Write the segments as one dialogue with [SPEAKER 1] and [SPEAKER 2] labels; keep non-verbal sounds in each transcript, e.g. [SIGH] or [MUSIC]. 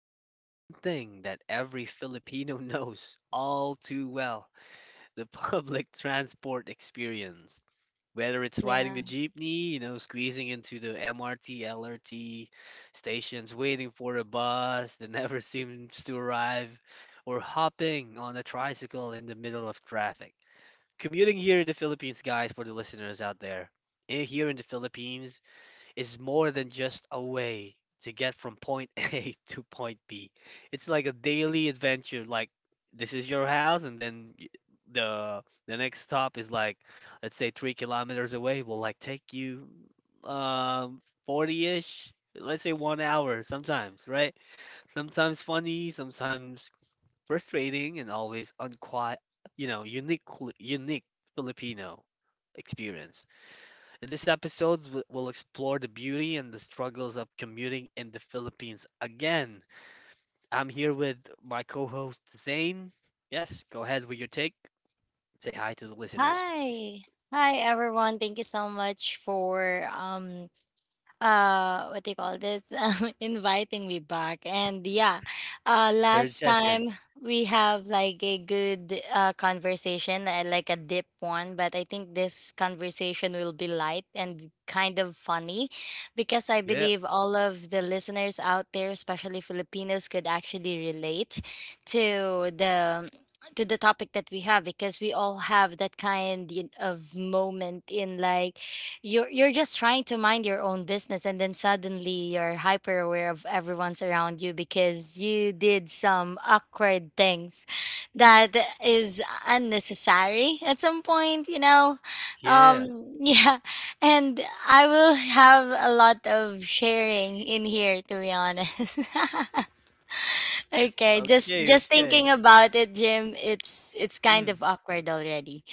[SPEAKER 1] about something that every Filipino [LAUGHS] knows all too well, the [LAUGHS] public transport experience. Whether it's riding the
[SPEAKER 2] Yeah.
[SPEAKER 1] jeepney, you know, squeezing into the MRT, LRT stations, waiting for a bus that never [LAUGHS] seems to arrive, or hopping on a tricycle in the middle of traffic. Commuting here in the Philippines, guys, for the listeners out there, here in the Philippines, is more than just a way to get from point [LAUGHS] A to point B. It's like a daily adventure. Like this is your house, and then the next stop is like, let's say 3 kilometers away. Will like take you um 40-ish, let's say 1 hour sometimes, right? Sometimes funny, sometimes frustrating, and always unquiet. You know, unique Filipino experience. This episode will explore the beauty and the struggles of commuting in the Philippines. Again, I'm here with my co host Zane. Yes, go ahead with your take. Say hi to the listeners.
[SPEAKER 2] Hi. Hi everyone. Thank you so much for what do you call this [LAUGHS] inviting me back. And yeah,
[SPEAKER 1] Third
[SPEAKER 2] last
[SPEAKER 1] session.
[SPEAKER 2] time we have like a good conversation, like a deep one. But I think this conversation will be light and kind of funny because I
[SPEAKER 1] Yeah,
[SPEAKER 2] believe all of the listeners out there, especially Filipinos, could actually relate to the to the topic that we have because we all have that kind of moment. In like you're just trying to mind your own business, and then suddenly you're hyper aware of everyone's around you because you did some awkward things that is unnecessary at some point you know
[SPEAKER 1] yeah.
[SPEAKER 2] um [LAUGHS] Yeah. And I will have a lot of sharing in here, to be honest. [LAUGHS] Okay, just
[SPEAKER 1] Okay,
[SPEAKER 2] just thinking
[SPEAKER 1] okay.
[SPEAKER 2] about it, Jim, it's kind
[SPEAKER 1] Mm.
[SPEAKER 2] of awkward already.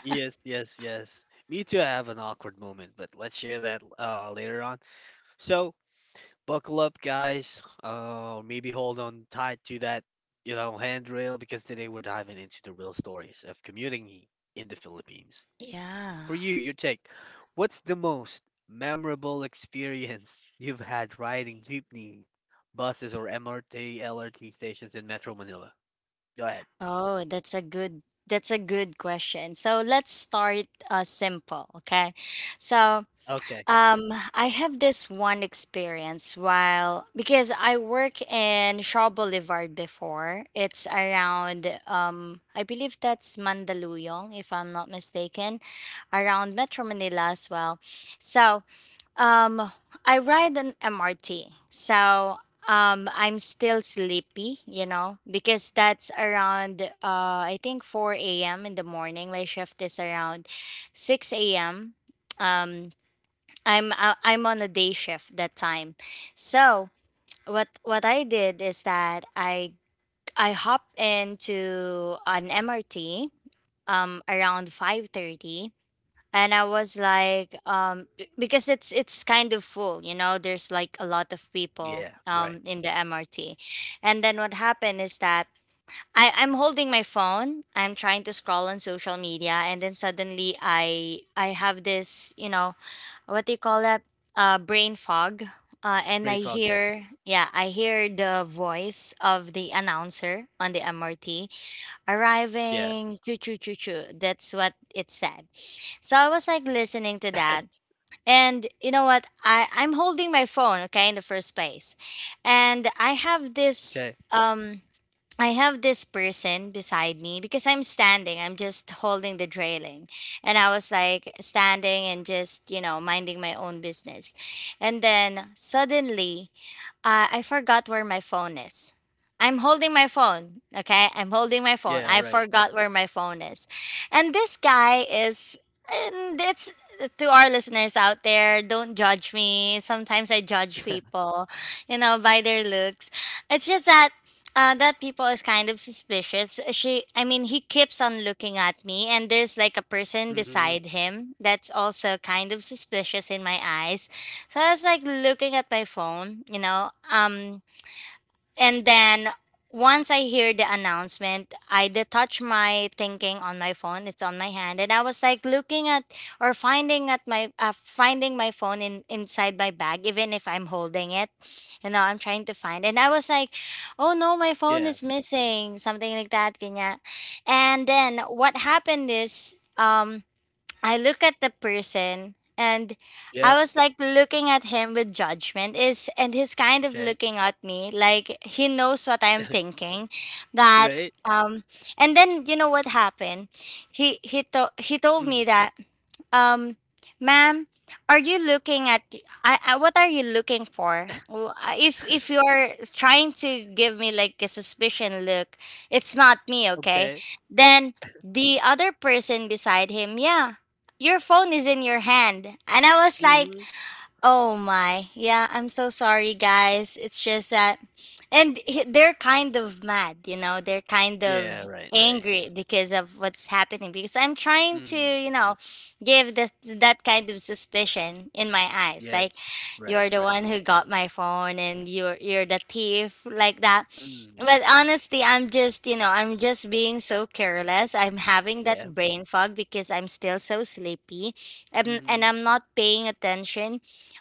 [SPEAKER 1] Yes, yes, yes. Me too. I have an awkward moment, but let's share that later on. So, buckle up, guys. Maybe hold on tight to that, you know, handrail because today we're diving into the real stories of commuting in the Philippines. For
[SPEAKER 2] Yeah.
[SPEAKER 1] you, your take. What's the most memorable experience you've had riding jeepney, buses, or MRT, LRT stations in Metro Manila? Go ahead.
[SPEAKER 2] Oh, that's a good question. So let's start, simple, okay? So,
[SPEAKER 1] Okay.
[SPEAKER 2] I have this one experience while because I work in Shaw Boulevard before. It's around, I believe that's Mandaluyong, if I'm not mistaken, around Metro Manila as well. So, um, I ride an MRT. So, I'm still sleepy, you know, because that's around, I think 4 a.m. in the morning. My shift is around 6 a.m. Um, I am on a day shift that time. So what I did is that I hop into an MRT around 5:30. And I was like, because it's kind of full, you know. There's like a lot of people
[SPEAKER 1] Yeah. Right.
[SPEAKER 2] in the MRT. And then what happened is that I'm holding my phone. I'm trying to scroll on social media, and then suddenly I have this, you know, what do you call that? Brain fog. And
[SPEAKER 1] Pretty tall guess.
[SPEAKER 2] I hear the voice of the announcer on the MRT
[SPEAKER 1] Yeah.
[SPEAKER 2] arriving, choo choo choo choo. That's what it said. So I was like listening to that. And you know what? I'm holding my phone, okay, in the first place. And
[SPEAKER 1] Okay.
[SPEAKER 2] I have this person beside me because I'm standing. I'm just holding the trailing. And I was like standing and just, minding my own business. And then suddenly, I forgot where my phone is. I'm holding my phone. Okay. I'm holding my phone.
[SPEAKER 1] Yeah.
[SPEAKER 2] I
[SPEAKER 1] Right.
[SPEAKER 2] forgot where my phone is. And this guy is, and it's, to our listeners out there, don't judge me. Sometimes I judge
[SPEAKER 1] [LAUGHS]
[SPEAKER 2] people, by their looks. It's just that. That people is kind of suspicious. She, I mean, he keeps on looking at me, and there's like a person
[SPEAKER 1] Hmm.
[SPEAKER 2] beside him that's also kind of suspicious in my eyes. So I was like looking at my phone, and then once I hear the announcement, I detach my thinking on my phone. It's on my hand, and I was like looking at or finding at my, finding my phone in inside my bag, even if I'm holding it. You know, I'm trying to find, and I was like, "Oh no, my phone is
[SPEAKER 1] Yes.
[SPEAKER 2] missing," something like that, kanya. And then what happened is. I look at the person, and I
[SPEAKER 1] Yep.
[SPEAKER 2] was like looking at him with judgment is, and he's kind of
[SPEAKER 1] Okay.
[SPEAKER 2] looking at me like he knows what I'm
[SPEAKER 1] [LAUGHS]
[SPEAKER 2] thinking that
[SPEAKER 1] Right.
[SPEAKER 2] um and then you know what happened. He told me
[SPEAKER 1] Mm.
[SPEAKER 2] that, um, "Ma'am, are you looking at the- I, what are you looking for? Well, if you're trying to give me like a suspicion look, it's not me, okay?"
[SPEAKER 1] Okay.
[SPEAKER 2] Then the other person beside him, "Yeah, your phone is in your hand." And I was like, "Oh my. Yeah, I'm so sorry, guys. It's just that." And they're kind of mad, they're kind
[SPEAKER 1] Yeah,
[SPEAKER 2] of
[SPEAKER 1] right, right.
[SPEAKER 2] angry because of what's happening. Because I'm trying to,
[SPEAKER 1] Mhm.
[SPEAKER 2] give this, that kind of suspicion in my eyes. Like,
[SPEAKER 1] Yes. Right,
[SPEAKER 2] you're the
[SPEAKER 1] right.
[SPEAKER 2] one who got my phone, and you're the thief, like that.
[SPEAKER 1] Mm.
[SPEAKER 2] But honestly, I'm just being so careless. I'm having
[SPEAKER 1] Yeah.
[SPEAKER 2] that brain fog because I'm still so sleepy, and
[SPEAKER 1] Mhm.
[SPEAKER 2] I'm not paying attention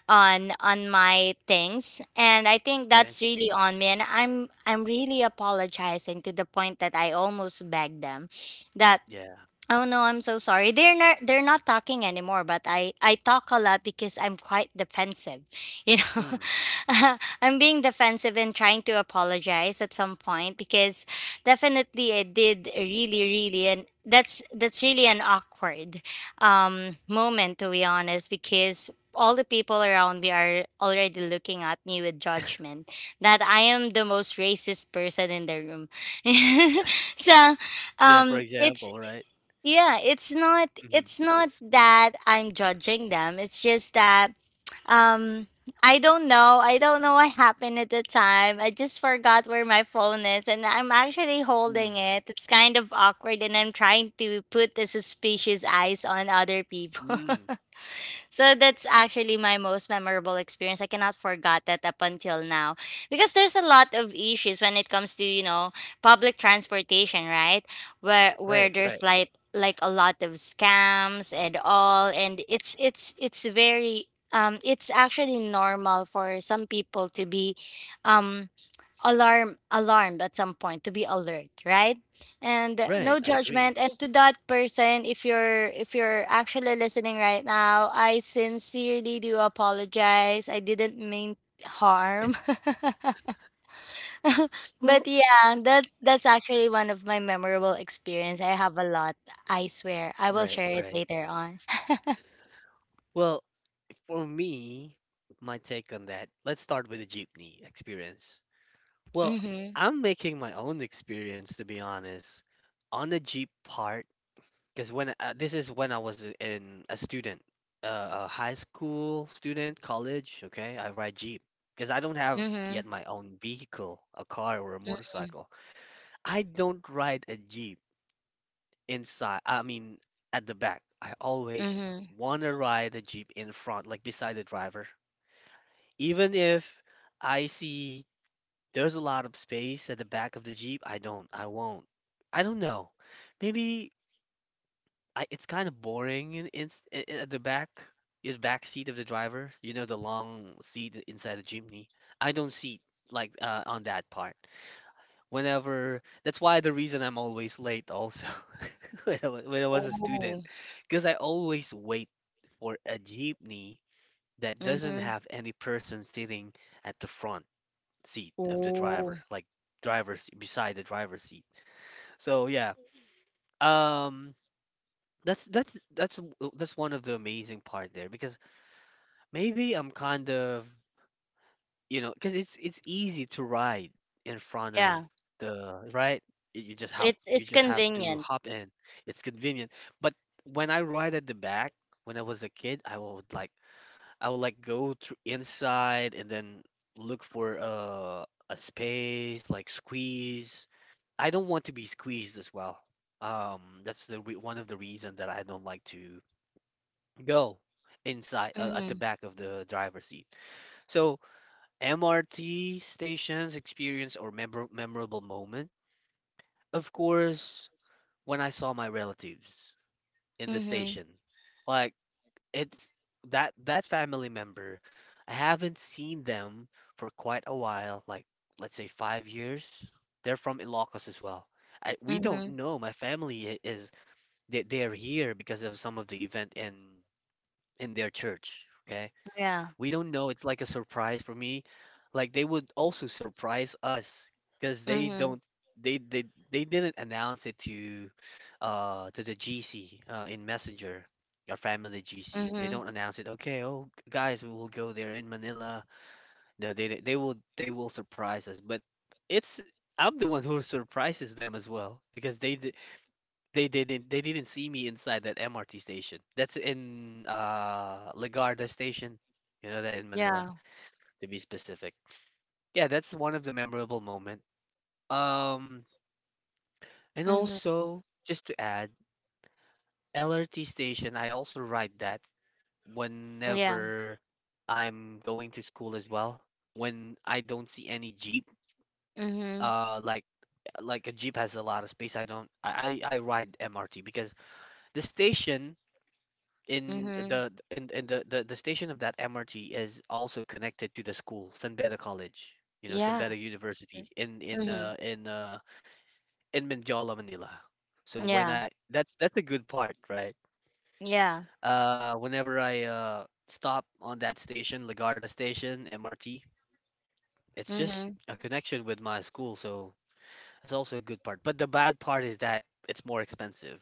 [SPEAKER 2] on my things. And I think
[SPEAKER 1] Okay.
[SPEAKER 2] that's really on me, and I'm really apologizing to the point that I almost begged them that,
[SPEAKER 1] Yeah.
[SPEAKER 2] "Oh no, I'm so sorry." They're not talking anymore, but I talk a lot because I'm quite defensive. [LAUGHS] You know,
[SPEAKER 1] Mm.
[SPEAKER 2] [LAUGHS] I'm being defensive and trying to apologize at some point because definitely I did really really, and that's really an awkward, moment, to be honest, because all the people around me are already looking at me with judgment that I am the most racist person in the room. [LAUGHS] so
[SPEAKER 1] Yeah, for
[SPEAKER 2] it's
[SPEAKER 1] example, right?
[SPEAKER 2] yeah, it's not
[SPEAKER 1] Mhm.
[SPEAKER 2] it's not that I'm judging them. It's just that, um I don't know. I don't know what happened at the time. I just forgot where my phone is and I'm actually holding
[SPEAKER 1] Mm.
[SPEAKER 2] it. It's kind of awkward, and I'm trying to put the suspicious eyes on other people.
[SPEAKER 1] Mm.
[SPEAKER 2] [LAUGHS] So that's actually my most memorable experience. I cannot forget that up until now because there's a lot of issues when it comes to, public transportation, right? Where
[SPEAKER 1] Right, right.
[SPEAKER 2] there's like a lot of scams and all, and it's actually normal for some people to be, um alarmed at some point, to be alert, right? And,
[SPEAKER 1] Right,
[SPEAKER 2] no
[SPEAKER 1] I
[SPEAKER 2] judgment,
[SPEAKER 1] agree.
[SPEAKER 2] and to that person, if you're actually listening right now, I sincerely do apologize. I didn't mean harm. [LAUGHS] But
[SPEAKER 1] Well,
[SPEAKER 2] yeah, that's actually one of my memorable experience. I have a lot. I swear I will
[SPEAKER 1] right,
[SPEAKER 2] share it
[SPEAKER 1] right.
[SPEAKER 2] later on.
[SPEAKER 1] Well, for me, my take on that, let's start with the jeepney experience.
[SPEAKER 2] [LAUGHS]
[SPEAKER 1] Well,
[SPEAKER 2] Mhm.
[SPEAKER 1] I'm making my own experience to be honest. On a jeep part, because when this is when I was in a student, a high school student, college. Okay, I ride Jeep because I don't have
[SPEAKER 2] Mhm.
[SPEAKER 1] yet my own vehicle, a car or a
[SPEAKER 2] Mm-.
[SPEAKER 1] motorcycle. I don't ride a Jeep inside. I mean, at the back. I always
[SPEAKER 2] Mhm.
[SPEAKER 1] want to ride a Jeep in front, like beside the driver. Even if I see there's a lot of space at the back of the Jeep, I don't. I won't. I don't know. Maybe I it's kind of boring at the back, in the back seat of the driver. You know, the long seat inside the chimney. I don't see like on that part. Whenever that's why the reason I'm always late also [LAUGHS] when I was a
[SPEAKER 2] Ooh.
[SPEAKER 1] student, because I always wait for a jeepney that doesn't
[SPEAKER 2] Mhm.
[SPEAKER 1] have any person sitting at the front seat of the
[SPEAKER 2] Ooh.
[SPEAKER 1] driver, like driver's beside the driver's seat. So yeah. Um, that's one of the amazing part there because maybe I'm kind of, you know, because it's easy to ride in front of
[SPEAKER 2] Yeah.
[SPEAKER 1] the right. Y- you just hop
[SPEAKER 2] it's
[SPEAKER 1] you
[SPEAKER 2] it's
[SPEAKER 1] just have to
[SPEAKER 2] convenient.
[SPEAKER 1] hop in. It's convenient, but when I ride at the back when I was a kid, I would like go through inside and then look for a space, like squeeze. I don't want to be squeezed as well. That's the re one of the reason that I don't like to go inside, at the
[SPEAKER 2] Mhm.
[SPEAKER 1] back of the driver's seat. So, MRT stations experience or memorable moment. Of course, when I saw my relatives in the
[SPEAKER 2] Mhm.
[SPEAKER 1] station, like it's that family member, I haven't seen them for quite a while, like let's say 5 years. They're from Ilocos as well. We don't
[SPEAKER 2] Mhm.
[SPEAKER 1] know. My family I- is they, they're here because of some of the event in their church. Okay,
[SPEAKER 2] Yeah.
[SPEAKER 1] we don't know. It's like a surprise for me. Like they would also surprise us because they
[SPEAKER 2] Mhm.
[SPEAKER 1] don't they they they didn't announce it to the GC, in Messenger, our family GC. They
[SPEAKER 2] Mhm.
[SPEAKER 1] don't announce it. Okay, "Oh guys, we will go there in Manila." No, they will surprise us. But it's I'm the one who surprises them as well because they didn't see me inside that MRT station. That's in Lagarda station. You know that in Manila
[SPEAKER 2] Yeah.
[SPEAKER 1] to be specific. Yeah, that's one of the memorable moment. Um, and
[SPEAKER 2] Mhm.
[SPEAKER 1] also just to add, LRT station, I also ride that
[SPEAKER 2] Yeah.
[SPEAKER 1] whenever I'm going to school as well. When I don't see any jeep,
[SPEAKER 2] Mhm.
[SPEAKER 1] uh, like like a jeep has a lot of space. I don't. I ride MRT because the station
[SPEAKER 2] Mhm.
[SPEAKER 1] in the the station of that MRT is also connected to the school, San Beda College. You know, San
[SPEAKER 2] Yeah.
[SPEAKER 1] Beda University
[SPEAKER 2] Mm.
[SPEAKER 1] in in uh,
[SPEAKER 2] Mhm.
[SPEAKER 1] in uh, in Mindjala, Manila. So when
[SPEAKER 2] Yeah.
[SPEAKER 1] I that's a good part, right?
[SPEAKER 2] Yeah.
[SPEAKER 1] Whenever I stop on that station, Lagarda station, MRT, it's just
[SPEAKER 2] Mhm.
[SPEAKER 1] a connection with my school, so it's also a good part. But the bad part is that it's more expensive.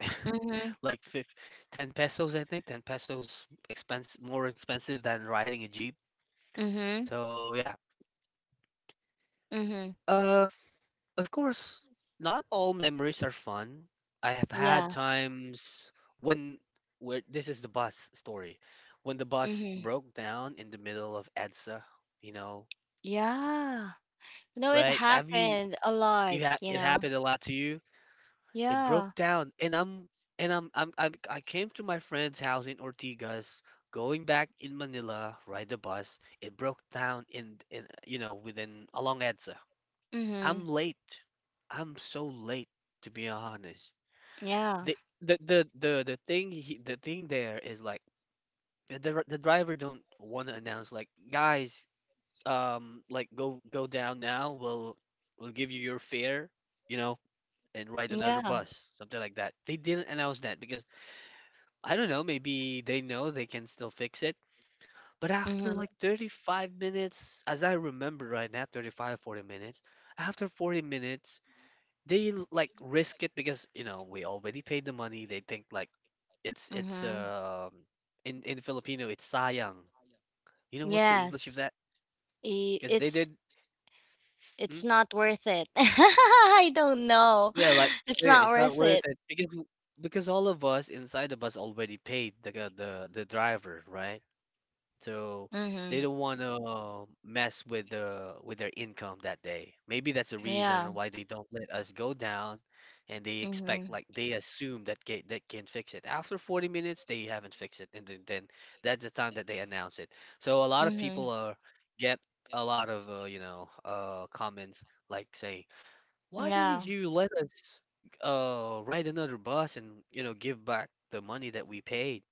[SPEAKER 1] [LAUGHS]
[SPEAKER 2] Mhm.
[SPEAKER 1] Like fif 10 pesos, I think. 10 pesos expense more expensive than riding a jeep.
[SPEAKER 2] Mhm.
[SPEAKER 1] So yeah.
[SPEAKER 2] Mhm.
[SPEAKER 1] Uh, Of course, not all memories are fun. I have had
[SPEAKER 2] Yeah.
[SPEAKER 1] times when where this is the bus story. When the bus
[SPEAKER 2] Mhm.
[SPEAKER 1] broke down in the middle of EDSA, you know,
[SPEAKER 2] Yeah. No, it
[SPEAKER 1] right? Have you
[SPEAKER 2] happened a lot,
[SPEAKER 1] you ha
[SPEAKER 2] you
[SPEAKER 1] it
[SPEAKER 2] know.
[SPEAKER 1] happened a lot to you? It broke
[SPEAKER 2] Yeah.
[SPEAKER 1] down, and I'm I came to my friend's house in Ortigas going back in Manila, ride the bus. It broke down in, you know, within along EDSA. I'm
[SPEAKER 2] Mhm.
[SPEAKER 1] late. I'm so late to be honest.
[SPEAKER 2] Yeah.
[SPEAKER 1] The thing he, the thing there is like, the driver don't want to announce, like, guys, like go down now, we'll give you your fare, you know, and ride another
[SPEAKER 2] Yeah.
[SPEAKER 1] bus, something like that. They didn't announce that because I don't know, maybe they know they can still fix it. But after
[SPEAKER 2] Mhm.
[SPEAKER 1] like 35 minutes, as I remember right now, 35, 40 minutes, after 40 minutes they like risk it because, you know, we already paid the money. They think like it's
[SPEAKER 2] Mhm.
[SPEAKER 1] in Filipino it's sayang. You know what's the English
[SPEAKER 2] Yes.
[SPEAKER 1] of that?
[SPEAKER 2] I-
[SPEAKER 1] Because they
[SPEAKER 2] It's
[SPEAKER 1] did,
[SPEAKER 2] it's
[SPEAKER 1] hmm?
[SPEAKER 2] not worth it. [LAUGHS] I don't know. [LAUGHS]
[SPEAKER 1] Yeah, like
[SPEAKER 2] It's
[SPEAKER 1] yeah,
[SPEAKER 2] not
[SPEAKER 1] it's not
[SPEAKER 2] worth
[SPEAKER 1] worth
[SPEAKER 2] it.
[SPEAKER 1] it because because all of us inside the bus already paid the driver, right? So they
[SPEAKER 2] Mhm.
[SPEAKER 1] don't want to mess with their income that day. Maybe that's the
[SPEAKER 2] Yeah.
[SPEAKER 1] reason why they don't let us go down, and they expect
[SPEAKER 2] Mhm.
[SPEAKER 1] like they assume that ca that can fix it. After 40 minutes, they haven't fixed it, and then that's the time that they announce it. So a lot of people
[SPEAKER 2] Mhm.
[SPEAKER 1] are get a lot of, you know, comments, like saying, "Why did
[SPEAKER 2] Yeah.
[SPEAKER 1] you let us ride another bus and you know give back the money that we paid?"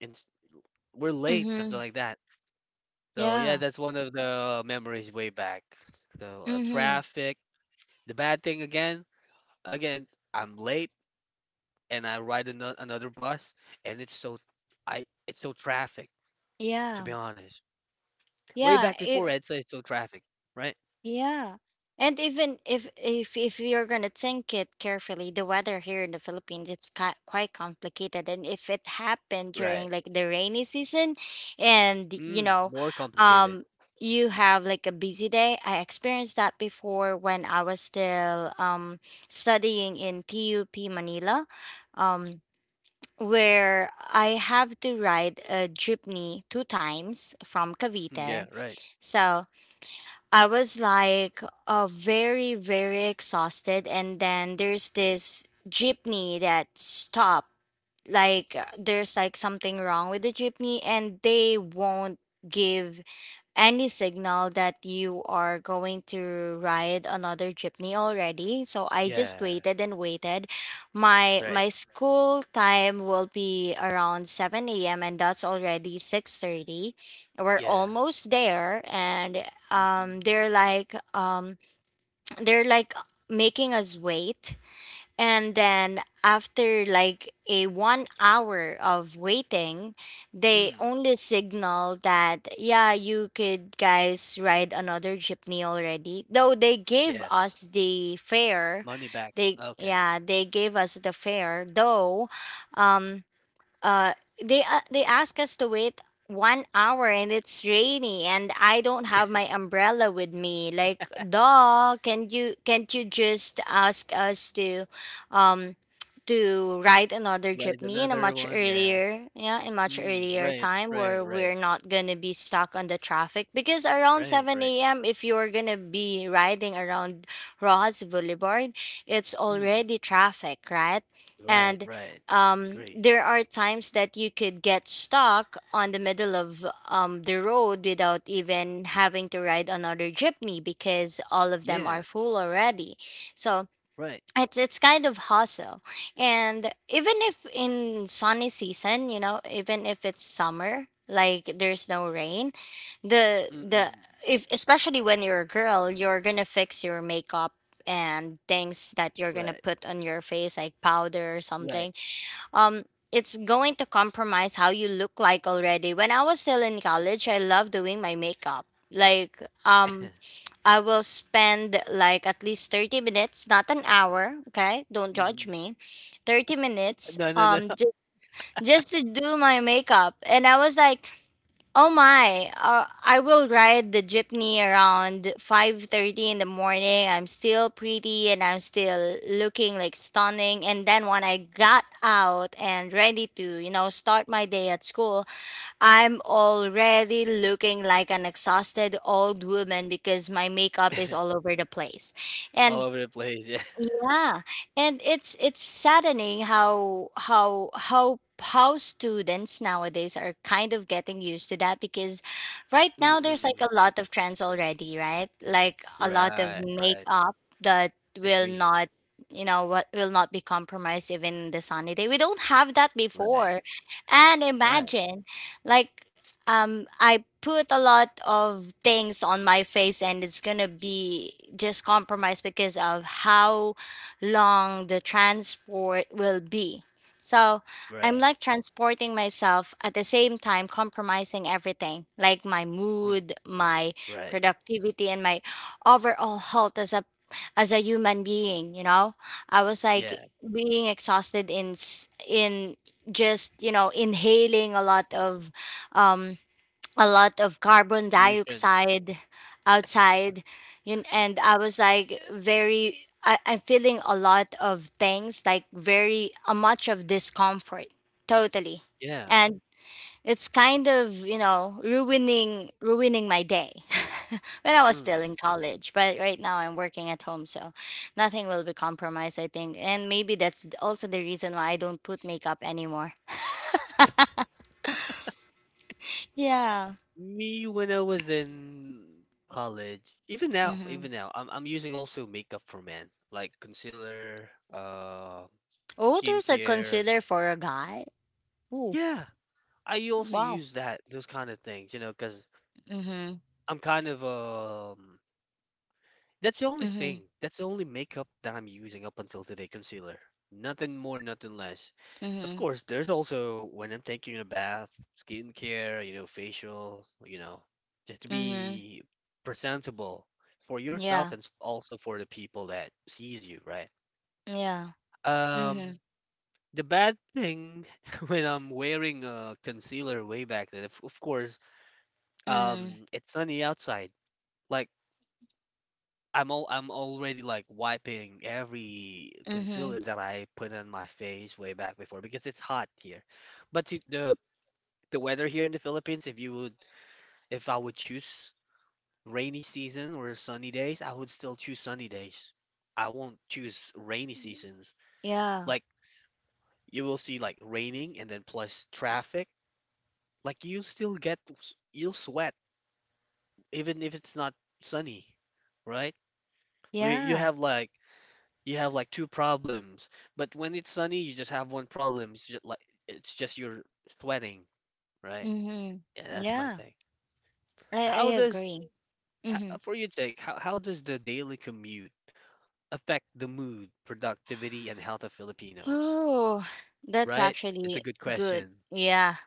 [SPEAKER 1] And we're late, something
[SPEAKER 2] Mhm.
[SPEAKER 1] like that. So yeah,
[SPEAKER 2] Yeah.
[SPEAKER 1] that's one of the memories way back. So
[SPEAKER 2] Mhm.
[SPEAKER 1] traffic. The bad thing again, I'm late and I ride another bus, and it's so traffic. To
[SPEAKER 2] Yeah.
[SPEAKER 1] be honest, way
[SPEAKER 2] Yeah.
[SPEAKER 1] back before
[SPEAKER 2] It,
[SPEAKER 1] EDSA, it's so traffic, right?
[SPEAKER 2] yeah. And even if you're gonna think it carefully, the weather here in the Philippines, it's quite complicated. And if it happened
[SPEAKER 1] Right.
[SPEAKER 2] during like the rainy season, and
[SPEAKER 1] Mm, more complicated.
[SPEAKER 2] um, you have like a busy day. I experienced that before when I was still, studying in TUP Manila. Um, where I have to ride a jeepney two times from
[SPEAKER 1] Mm,
[SPEAKER 2] Cavite.
[SPEAKER 1] yeah. Right.
[SPEAKER 2] So I was like, very, very exhausted. And then there's this jeepney that stopped. Like, there's like something wrong with the jeepney, and they won't give any signal that you are going to ride another jeepney already. So I just
[SPEAKER 1] Yeah.
[SPEAKER 2] waited and waited. my
[SPEAKER 1] Right.
[SPEAKER 2] my school time will be around 7 a.m., and that's already 6:30. We're
[SPEAKER 1] Yeah.
[SPEAKER 2] almost there, and, um
[SPEAKER 1] Hmm.
[SPEAKER 2] they're like um they're like making us wait. And then after like a one hour of waiting, they
[SPEAKER 1] Mm,
[SPEAKER 2] only signal that, "Yeah, you could guys ride another jeepney already." Though they gave
[SPEAKER 1] yes.
[SPEAKER 2] us the fare.
[SPEAKER 1] Money back.
[SPEAKER 2] They,
[SPEAKER 1] Okay.
[SPEAKER 2] yeah, they gave us the fare. Though, um, uh they, they ask us to wait one hour, and it's rainy, and I don't have my umbrella with me. Like, duh, can't you just ask us to, um to ride another
[SPEAKER 1] Right.
[SPEAKER 2] jeepney in a
[SPEAKER 1] Another
[SPEAKER 2] much
[SPEAKER 1] one. Yeah.
[SPEAKER 2] earlier yeah in much
[SPEAKER 1] Mm,
[SPEAKER 2] earlier
[SPEAKER 1] right.
[SPEAKER 2] time,
[SPEAKER 1] Right.
[SPEAKER 2] where
[SPEAKER 1] Right.
[SPEAKER 2] we're not gonna be stuck on the traffic because around
[SPEAKER 1] Right. Right.
[SPEAKER 2] 7 a.m. if you're gonna be riding around Rojas Boulevard, it's
[SPEAKER 1] Mm.
[SPEAKER 2] already traffic, right?
[SPEAKER 1] Right,
[SPEAKER 2] And,
[SPEAKER 1] right. Agree.
[SPEAKER 2] there are times that you could get stuck on the middle of, the road, without even having to ride another jeepney because all of them are
[SPEAKER 1] Yeah,
[SPEAKER 2] full already. So
[SPEAKER 1] right.
[SPEAKER 2] it's kind of hustle, and even if in sunny season, even if it's summer, like there's no rain, the
[SPEAKER 1] Mm-mm.
[SPEAKER 2] if, especially when you're a girl, you're gonna fix your makeup and things that you're gonna
[SPEAKER 1] Right,
[SPEAKER 2] put on your face like powder or
[SPEAKER 1] right.
[SPEAKER 2] something, um it's going to compromise how you look like already. When I was still in college, I loved doing my makeup. Like,
[SPEAKER 1] [LAUGHS]
[SPEAKER 2] I will spend like at least 30 minutes, not an hour, okay? Don't judge
[SPEAKER 1] Hmm.
[SPEAKER 2] me. 30 minutes,
[SPEAKER 1] No, no, no.
[SPEAKER 2] just to do my makeup. And I was like, "Oh my, I will ride the jeepney around 5:30 in the morning. I'm still pretty, and I'm still looking like stunning." And then when I got out and ready to, start my day at school, I'm already looking like an exhausted old woman because my makeup is
[SPEAKER 1] [LAUGHS]
[SPEAKER 2] all over the place.
[SPEAKER 1] All
[SPEAKER 2] And
[SPEAKER 1] over the place. Yeah. [LAUGHS]
[SPEAKER 2] yeah, and it's saddening how students nowadays are kind of getting used to that because right now there's like
[SPEAKER 1] Mm-mm.
[SPEAKER 2] a lot of trends already, right? Like a lot of
[SPEAKER 1] Right, right.
[SPEAKER 2] makeup that will
[SPEAKER 1] Agree.
[SPEAKER 2] not you know what will not be compromised even in the sunny day. We don't have that
[SPEAKER 1] Right,
[SPEAKER 2] before. And
[SPEAKER 1] right,
[SPEAKER 2] imagine like I put a lot of things on my face and it's gonna be just compromised because of how long the transport will be. So I'm
[SPEAKER 1] right.
[SPEAKER 2] like transporting myself at the same time, compromising everything like my
[SPEAKER 1] Mm,
[SPEAKER 2] mood, my
[SPEAKER 1] right.
[SPEAKER 2] productivity, and my overall health as a human being, I was like
[SPEAKER 1] Yeah.
[SPEAKER 2] being exhausted in just, you know, inhaling um a lot of carbon
[SPEAKER 1] Pollution.
[SPEAKER 2] dioxide outside. Yun, and I was like very I'm feeling a lot of things like very a much of discomfort totally.
[SPEAKER 1] Yeah.
[SPEAKER 2] And it's kind of, you know, ruining my day. [LAUGHS] When I was still
[SPEAKER 1] Mm.
[SPEAKER 2] in college, but right now I'm working at home, so nothing will be compromised, I think. And maybe that's also the reason why I don't put makeup anymore. Yeah.
[SPEAKER 1] Me when I was in college,
[SPEAKER 2] Hmm.
[SPEAKER 1] even now, I'm using also makeup for men, like concealer,
[SPEAKER 2] Oh, there's a
[SPEAKER 1] skincare.
[SPEAKER 2] concealer for a guy? Ooh,
[SPEAKER 1] Yeah, I also
[SPEAKER 2] wow.
[SPEAKER 1] use that those kind of things, you know, because
[SPEAKER 2] Mhm.
[SPEAKER 1] I'm kind of. That's the only
[SPEAKER 2] Mhm.
[SPEAKER 1] thing. That's the only makeup that I'm using up until today, concealer. Nothing more, nothing less. Of
[SPEAKER 2] Mhm.
[SPEAKER 1] course, there's also when I'm taking a bath, skincare, you know, facial, you know, just to
[SPEAKER 2] Mhm.
[SPEAKER 1] be presentable for yourself
[SPEAKER 2] Yeah.
[SPEAKER 1] and also for the people that sees you, right?
[SPEAKER 2] Yeah.
[SPEAKER 1] Um,
[SPEAKER 2] Mhm.
[SPEAKER 1] the bad thing [LAUGHS] when I'm wearing a concealer way back then, of course.
[SPEAKER 2] Mhm.
[SPEAKER 1] It's sunny outside. Like I'm already like wiping every
[SPEAKER 2] Mhm.
[SPEAKER 1] concealer that I put on my face way back before because it's hot here. But to, the weather here in the Philippines, if you would if I would choose rainy season or sunny days, I would still choose sunny days. I won't choose rainy seasons.
[SPEAKER 2] Yeah.
[SPEAKER 1] Like you will see like raining and then plus traffic. Like you still get you'll sweat even if it's not sunny, right? Like, You
[SPEAKER 2] Yeah.
[SPEAKER 1] have like You have like two problems, but when it's sunny, you just have one problem. It's just you're sweating, right?
[SPEAKER 2] Mhm.
[SPEAKER 1] Yeah, that's my
[SPEAKER 2] Yeah.
[SPEAKER 1] take.
[SPEAKER 2] I
[SPEAKER 1] How does
[SPEAKER 2] agree.
[SPEAKER 1] h- uh,
[SPEAKER 2] Mhm.
[SPEAKER 1] for your take, how does the daily commute affect the mood, productivity, and health of Filipinos?
[SPEAKER 2] Oh, that's
[SPEAKER 1] Right? It's a
[SPEAKER 2] actually
[SPEAKER 1] good
[SPEAKER 2] good.
[SPEAKER 1] question.
[SPEAKER 2] Yeah.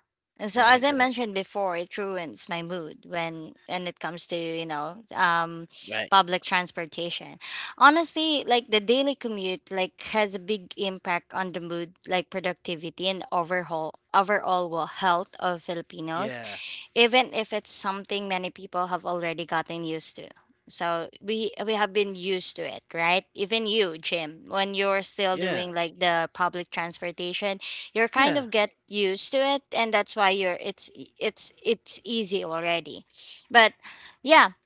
[SPEAKER 2] And so as
[SPEAKER 1] Right,
[SPEAKER 2] I
[SPEAKER 1] right,
[SPEAKER 2] mentioned before, it ruins my mood when and it comes to, you know,
[SPEAKER 1] right.
[SPEAKER 2] public transportation. Honestly, like the daily commute like has a big impact on the mood, like productivity and overhaul overall well, health of Filipinos,
[SPEAKER 1] Yeah,
[SPEAKER 2] even if it's something many people have already gotten used to. So we have been used to it, right? Even you, Jim, when you're still
[SPEAKER 1] yeah,
[SPEAKER 2] doing like the public transportation, you're kind
[SPEAKER 1] yeah,
[SPEAKER 2] of get used to it, and that's why you're it's easy already. But yeah,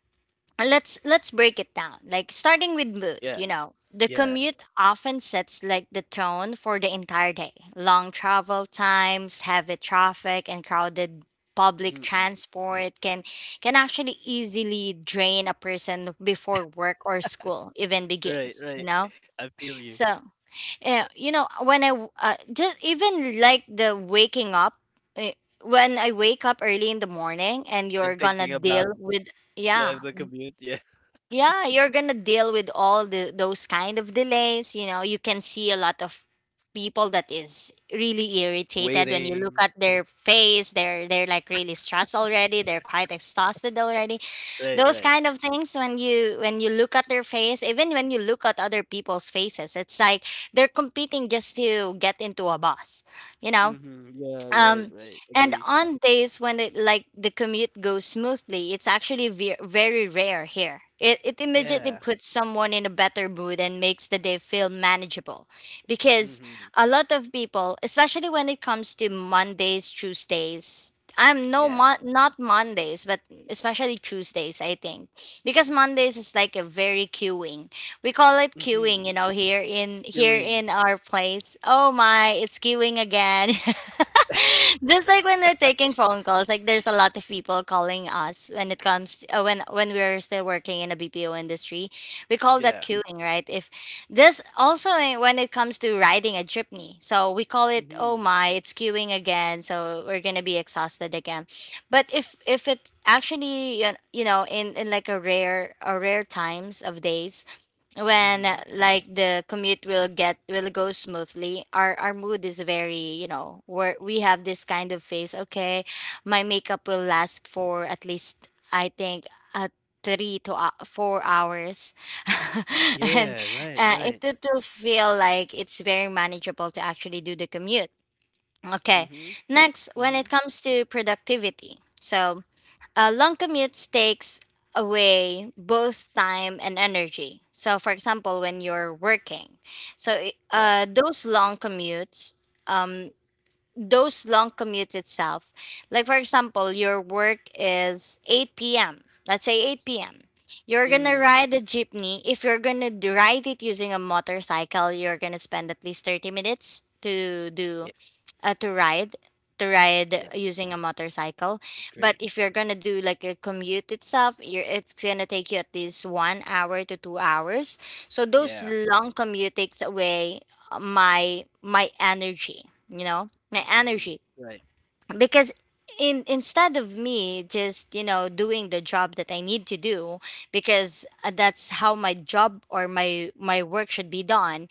[SPEAKER 2] let's break it down, like starting with mood.
[SPEAKER 1] yeah,
[SPEAKER 2] You know, the
[SPEAKER 1] yeah.
[SPEAKER 2] commute often sets like the tone for the entire day. Long travel times, heavy traffic, and crowded public
[SPEAKER 1] Mm-mm.
[SPEAKER 2] transport can actually easily drain a person before work or school even
[SPEAKER 1] Right,
[SPEAKER 2] begins, you
[SPEAKER 1] right.
[SPEAKER 2] know.
[SPEAKER 1] [LAUGHS] I feel you.
[SPEAKER 2] So yeah, you know, when just even like the waking up, eh, when I wake up early in the morning, and you're
[SPEAKER 1] And
[SPEAKER 2] gonna
[SPEAKER 1] thinking about
[SPEAKER 2] deal with,
[SPEAKER 1] the
[SPEAKER 2] yeah,
[SPEAKER 1] the commute, yeah.
[SPEAKER 2] yeah, you're gonna deal with all the those kind of delays, you know. You can see a lot of people that is really
[SPEAKER 1] [LAUGHS]
[SPEAKER 2] irritated. When you look
[SPEAKER 1] Waiting.
[SPEAKER 2] at their face, they're like really stressed already, they're quite exhausted already,
[SPEAKER 1] Right,
[SPEAKER 2] those
[SPEAKER 1] right.
[SPEAKER 2] kind of things. When you, when you look at their face, even when you look at other people's faces, it's like they're competing just to get into a bus, you know.
[SPEAKER 1] Mm-hmm. Yeah, right,
[SPEAKER 2] um
[SPEAKER 1] right.
[SPEAKER 2] and
[SPEAKER 1] Agree.
[SPEAKER 2] on days when it like the commute goes smoothly, it's actually very rare here, it immediately
[SPEAKER 1] Yeah.
[SPEAKER 2] puts someone in a better mood and makes the day feel manageable, because
[SPEAKER 1] Mm-hmm.
[SPEAKER 2] a lot of people, especially when it comes to Mondays, Tuesdays, I'm no
[SPEAKER 1] Yeah.
[SPEAKER 2] not Mondays, but especially Tuesdays, I think, because Mondays is like a very queuing. We call it
[SPEAKER 1] Mm-hmm.
[SPEAKER 2] queuing, you know, here in
[SPEAKER 1] Doing.
[SPEAKER 2] our place. Oh my, it's queuing again. [LAUGHS] Just like when we're taking phone calls, like there's a lot of people calling us when it comes when we're still working in a BPO industry. We call that
[SPEAKER 1] Yeah.
[SPEAKER 2] queuing, right? If this also, when it comes to riding a jeepney, so we call it oh
[SPEAKER 1] Mm-hmm.
[SPEAKER 2] my, it's queuing again, so we're gonna be exhausted again. But if it actually, you know, in like a rare times of days, when
[SPEAKER 1] Mm-hmm.
[SPEAKER 2] like the commute will get will go smoothly, our mood is very, you know, where we have this kind of phase. Okay, my makeup will last for at least, I think, uh, three to 4 hours. [LAUGHS] And
[SPEAKER 1] Yeah, right,
[SPEAKER 2] it
[SPEAKER 1] right.
[SPEAKER 2] it will feel like it's very manageable to actually do the commute. Okay,
[SPEAKER 1] Mm-hmm.
[SPEAKER 2] next, when
[SPEAKER 1] Mm-hmm.
[SPEAKER 2] it comes to productivity, so long commutes takes away both time and energy. So, for example, when you're working, so
[SPEAKER 1] Yeah.
[SPEAKER 2] um, those long commutes itself. Like for example, your work is 8 p.m. Let's say 8 p.m. You're gonna
[SPEAKER 1] Mm-hmm.
[SPEAKER 2] ride the jeepney. If you're gonna ride it using a motorcycle, you're gonna spend at least 30 minutes to do
[SPEAKER 1] Yeah.
[SPEAKER 2] to ride
[SPEAKER 1] Yes,
[SPEAKER 2] using a motorcycle. But
[SPEAKER 1] agree.
[SPEAKER 2] if you're gonna do like a commute itself, it's gonna take you at least 1 hour to 2 hours. So those
[SPEAKER 1] Yeah.
[SPEAKER 2] long commute takes away my energy, you know, my
[SPEAKER 1] Mm-hmm.
[SPEAKER 2] energy,
[SPEAKER 1] Right.
[SPEAKER 2] because in instead of me just, you know, doing the job that I need to do, because that's how my job or my work should be done,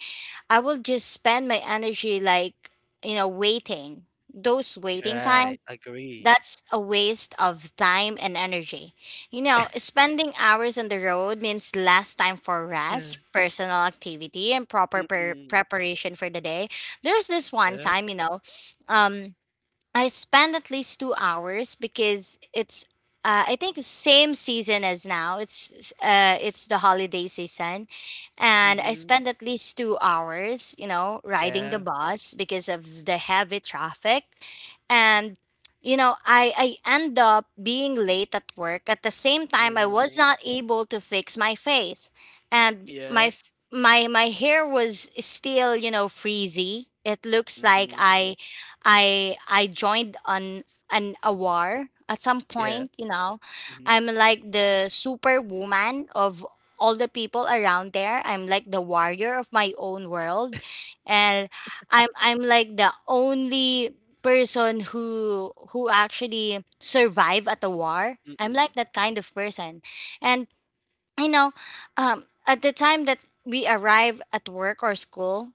[SPEAKER 2] I will just spend my energy like, you know, waiting, those waiting
[SPEAKER 1] Right.
[SPEAKER 2] times.
[SPEAKER 1] Agree.
[SPEAKER 2] That's a waste of time and energy. You know, spending hours on the road means less time for
[SPEAKER 1] Yeah.
[SPEAKER 2] rest, personal activity, and proper
[SPEAKER 1] Mm-mm.
[SPEAKER 2] preparation for the day. There's this one
[SPEAKER 1] Yeah.
[SPEAKER 2] time, you know, um, I spend at least 2 hours because it's I think the same season as now. It's the holiday season, and I
[SPEAKER 1] Mm-hmm.
[SPEAKER 2] spend at least 2 hours, you know, riding the
[SPEAKER 1] Yeah.
[SPEAKER 2] bus because of the heavy traffic, and you know I end up being late at work. At the same time, I was
[SPEAKER 1] Mm-hmm.
[SPEAKER 2] not able to fix my face, and my
[SPEAKER 1] Yeah.
[SPEAKER 2] my hair was still, you know, freezy. It looks like
[SPEAKER 1] Mm-hmm.
[SPEAKER 2] I joined an a war at some
[SPEAKER 1] Yeah.
[SPEAKER 2] point, you know.
[SPEAKER 1] Mm-hmm.
[SPEAKER 2] I'm like the superwoman of all the people around there. I'm like the warrior of my own world. And I'm like the only person who actually survive at the war. I'm
[SPEAKER 1] Mm-mm.
[SPEAKER 2] like that kind of person. And you know, um, at the time that we arrive at work or school,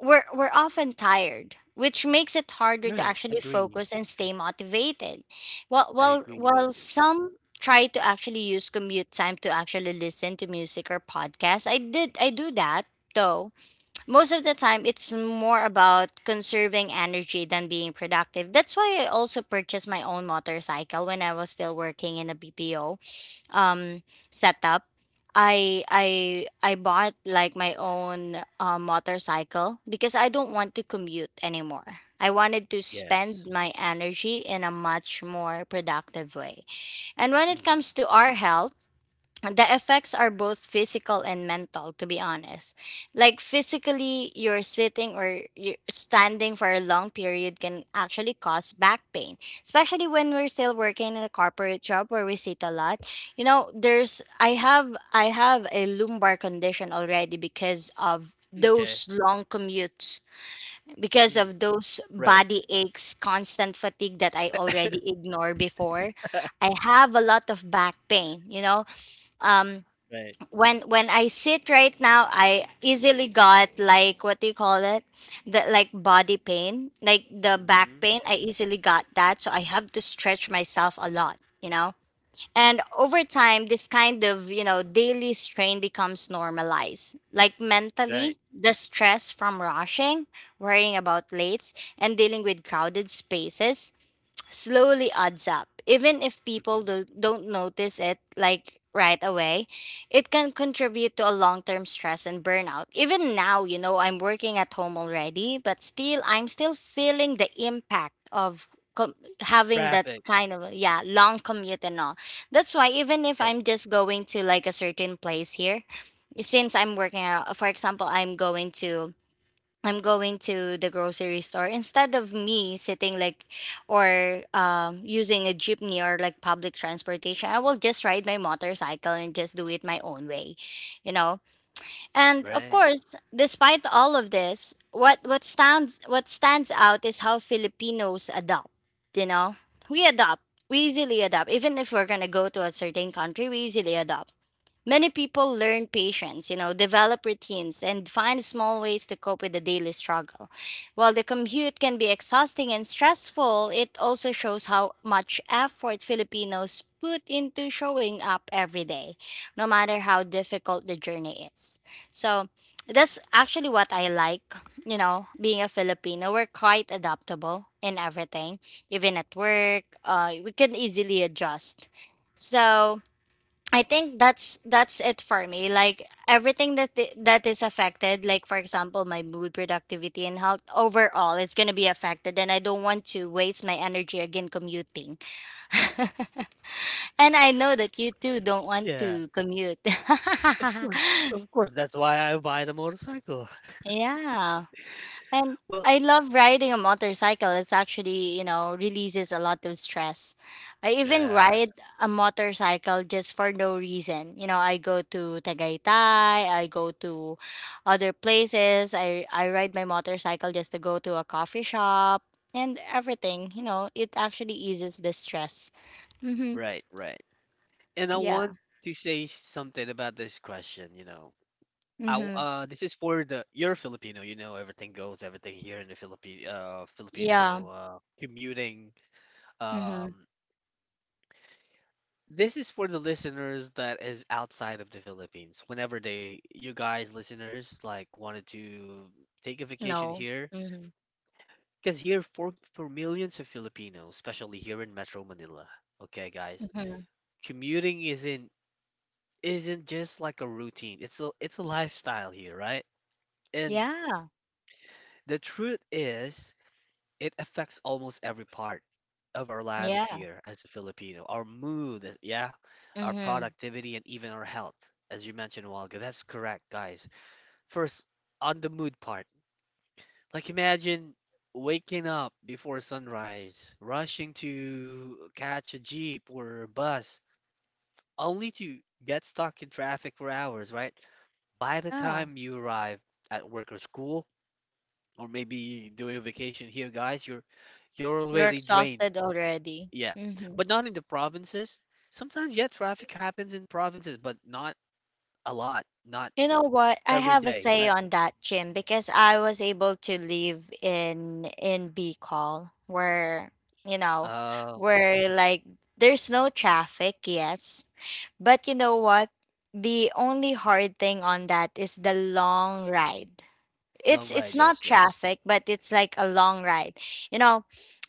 [SPEAKER 2] we're often tired, which makes it harder to
[SPEAKER 1] Right.
[SPEAKER 2] actually
[SPEAKER 1] Agree.
[SPEAKER 2] focus and stay motivated, while
[SPEAKER 1] I agree with you.
[SPEAKER 2] some try to actually use commute time to actually listen to music or podcasts. I do that, though, most of the time it's more about conserving energy than being productive. That's why I also purchased my own motorcycle when I was still working in a BPO um setup. I bought like my own motorcycle because I don't want to commute anymore. I wanted to
[SPEAKER 1] Yes.
[SPEAKER 2] spend my energy in a much more productive way. And when it
[SPEAKER 1] Mm-hmm.
[SPEAKER 2] comes to our health, the effects are both physical and mental, to be honest. Like, physically, you're sitting or you're standing for a long period can actually cause back pain, especially when we're still working in a corporate job where we sit a lot. You know, there's I have a lumbar condition already because of
[SPEAKER 1] Okay.
[SPEAKER 2] those long commutes, because
[SPEAKER 1] Mm,
[SPEAKER 2] of those
[SPEAKER 1] right,
[SPEAKER 2] body aches, constant fatigue, that I already ignored before. I have a lot of back pain, you know. Um,
[SPEAKER 1] right.
[SPEAKER 2] when I sit right now, I easily got like, what do you call it? The like body pain, like the back
[SPEAKER 1] Hmm.
[SPEAKER 2] pain. I easily got that, so I have to stretch myself a lot, you know. And over time, this kind of, you know, daily strain becomes normalized. Like
[SPEAKER 1] Right.
[SPEAKER 2] mentally, the stress from rushing, worrying about lates, and dealing with crowded spaces slowly adds up. Even if people
[SPEAKER 1] Hmm.
[SPEAKER 2] don't notice it like right away, it can contribute to a long-term stress and burnout. Even now, you know, I'm working at home already, but still I'm still feeling the impact of com- having that
[SPEAKER 1] Traffic.
[SPEAKER 2] kind of, yeah, long commute and all. That's why even if
[SPEAKER 1] Yeah.
[SPEAKER 2] I'm just going to like a certain place here, since I'm working out, for example, I'm going to the grocery store, instead of me sitting like or using a jeepney or like public transportation, I will just ride my motorcycle and just do it my own way, you know. And of
[SPEAKER 1] Right.
[SPEAKER 2] course, despite all of this, what stands out is how Filipinos adopt. You know, we adopt. We easily adopt. Even if we're gonna go to a certain country, we easily adopt. Many people learn patience, you know, develop routines, and find small ways to cope with the daily struggle. While the commute can be exhausting and stressful, it also shows how much effort Filipinos put into showing up every day, no matter how difficult the journey is. So that's actually what I like, you know, being a Filipino. We're quite adaptable in everything, even at work. We can easily adjust. So I think that's it for me. Like everything that is affected, like for example, my mood, productivity, and health overall, it's gonna be affected, and I don't want to waste my energy again commuting. [LAUGHS] And I know that you too don't want
[SPEAKER 1] Yeah.
[SPEAKER 2] to commute.
[SPEAKER 1] Of course. Of course. That's why I buy the motorcycle. [LAUGHS]
[SPEAKER 2] [LAUGHS] Yeah. And
[SPEAKER 1] Well,
[SPEAKER 2] I love riding a motorcycle. It's actually, releases a lot of stress. I even
[SPEAKER 1] yes.
[SPEAKER 2] ride a motorcycle just for no reason. I go to Tagaytay, I go to other places. I ride my motorcycle just to go to a coffee shop and everything. It actually eases the stress. Mhm.
[SPEAKER 1] Right, right. And I
[SPEAKER 2] Yeah.
[SPEAKER 1] want to say something about this question. I, w-
[SPEAKER 2] Mhm.
[SPEAKER 1] uh, this is for the you're Filipino, you know everything goes, everything here in the Philippine
[SPEAKER 2] Yeah.
[SPEAKER 1] Filipino commuting
[SPEAKER 2] Mhm.
[SPEAKER 1] um This is for the listeners that is outside of the Philippines. Whenever they, you guys listeners, like wanted to take a vacation
[SPEAKER 2] No.
[SPEAKER 1] here,
[SPEAKER 2] Mhm.
[SPEAKER 1] because here for millions of Filipinos, especially here in Metro Manila. Okay, guys,
[SPEAKER 2] Mhm.
[SPEAKER 1] commuting isn't just like a routine. It's a lifestyle here, right? And
[SPEAKER 2] Yeah.
[SPEAKER 1] the truth is, it affects almost every part of our lives
[SPEAKER 2] Yeah.
[SPEAKER 1] here as a Filipino. Our mood, yeah, our
[SPEAKER 2] Mhm.
[SPEAKER 1] productivity, and even our health, as you mentioned a while ago. That's correct, guys. First, on the mood part, like imagine waking up before sunrise, rushing to catch a jeep or a bus, only to get stuck in traffic for hours, right? By the
[SPEAKER 2] Yeah.
[SPEAKER 1] time you arrive at work or school, or maybe doing a vacation here, guys, you're
[SPEAKER 2] You're
[SPEAKER 1] already drained.
[SPEAKER 2] exhausted already.
[SPEAKER 1] Yeah,
[SPEAKER 2] Hmm.
[SPEAKER 1] but not in the provinces. Sometimes, yeah, traffic happens in provinces, but not a lot, not
[SPEAKER 2] You know what? I
[SPEAKER 1] every
[SPEAKER 2] have a
[SPEAKER 1] day,
[SPEAKER 2] say
[SPEAKER 1] right?
[SPEAKER 2] on that, Jim, because I was able to live in Bicol, where you know,
[SPEAKER 1] Um,
[SPEAKER 2] where like, there's no traffic, yes, but you know what? The only hard thing on that is the long ride.
[SPEAKER 1] long
[SPEAKER 2] It's
[SPEAKER 1] ride,
[SPEAKER 2] not
[SPEAKER 1] yes, yes,
[SPEAKER 2] traffic, but it's like a long ride you know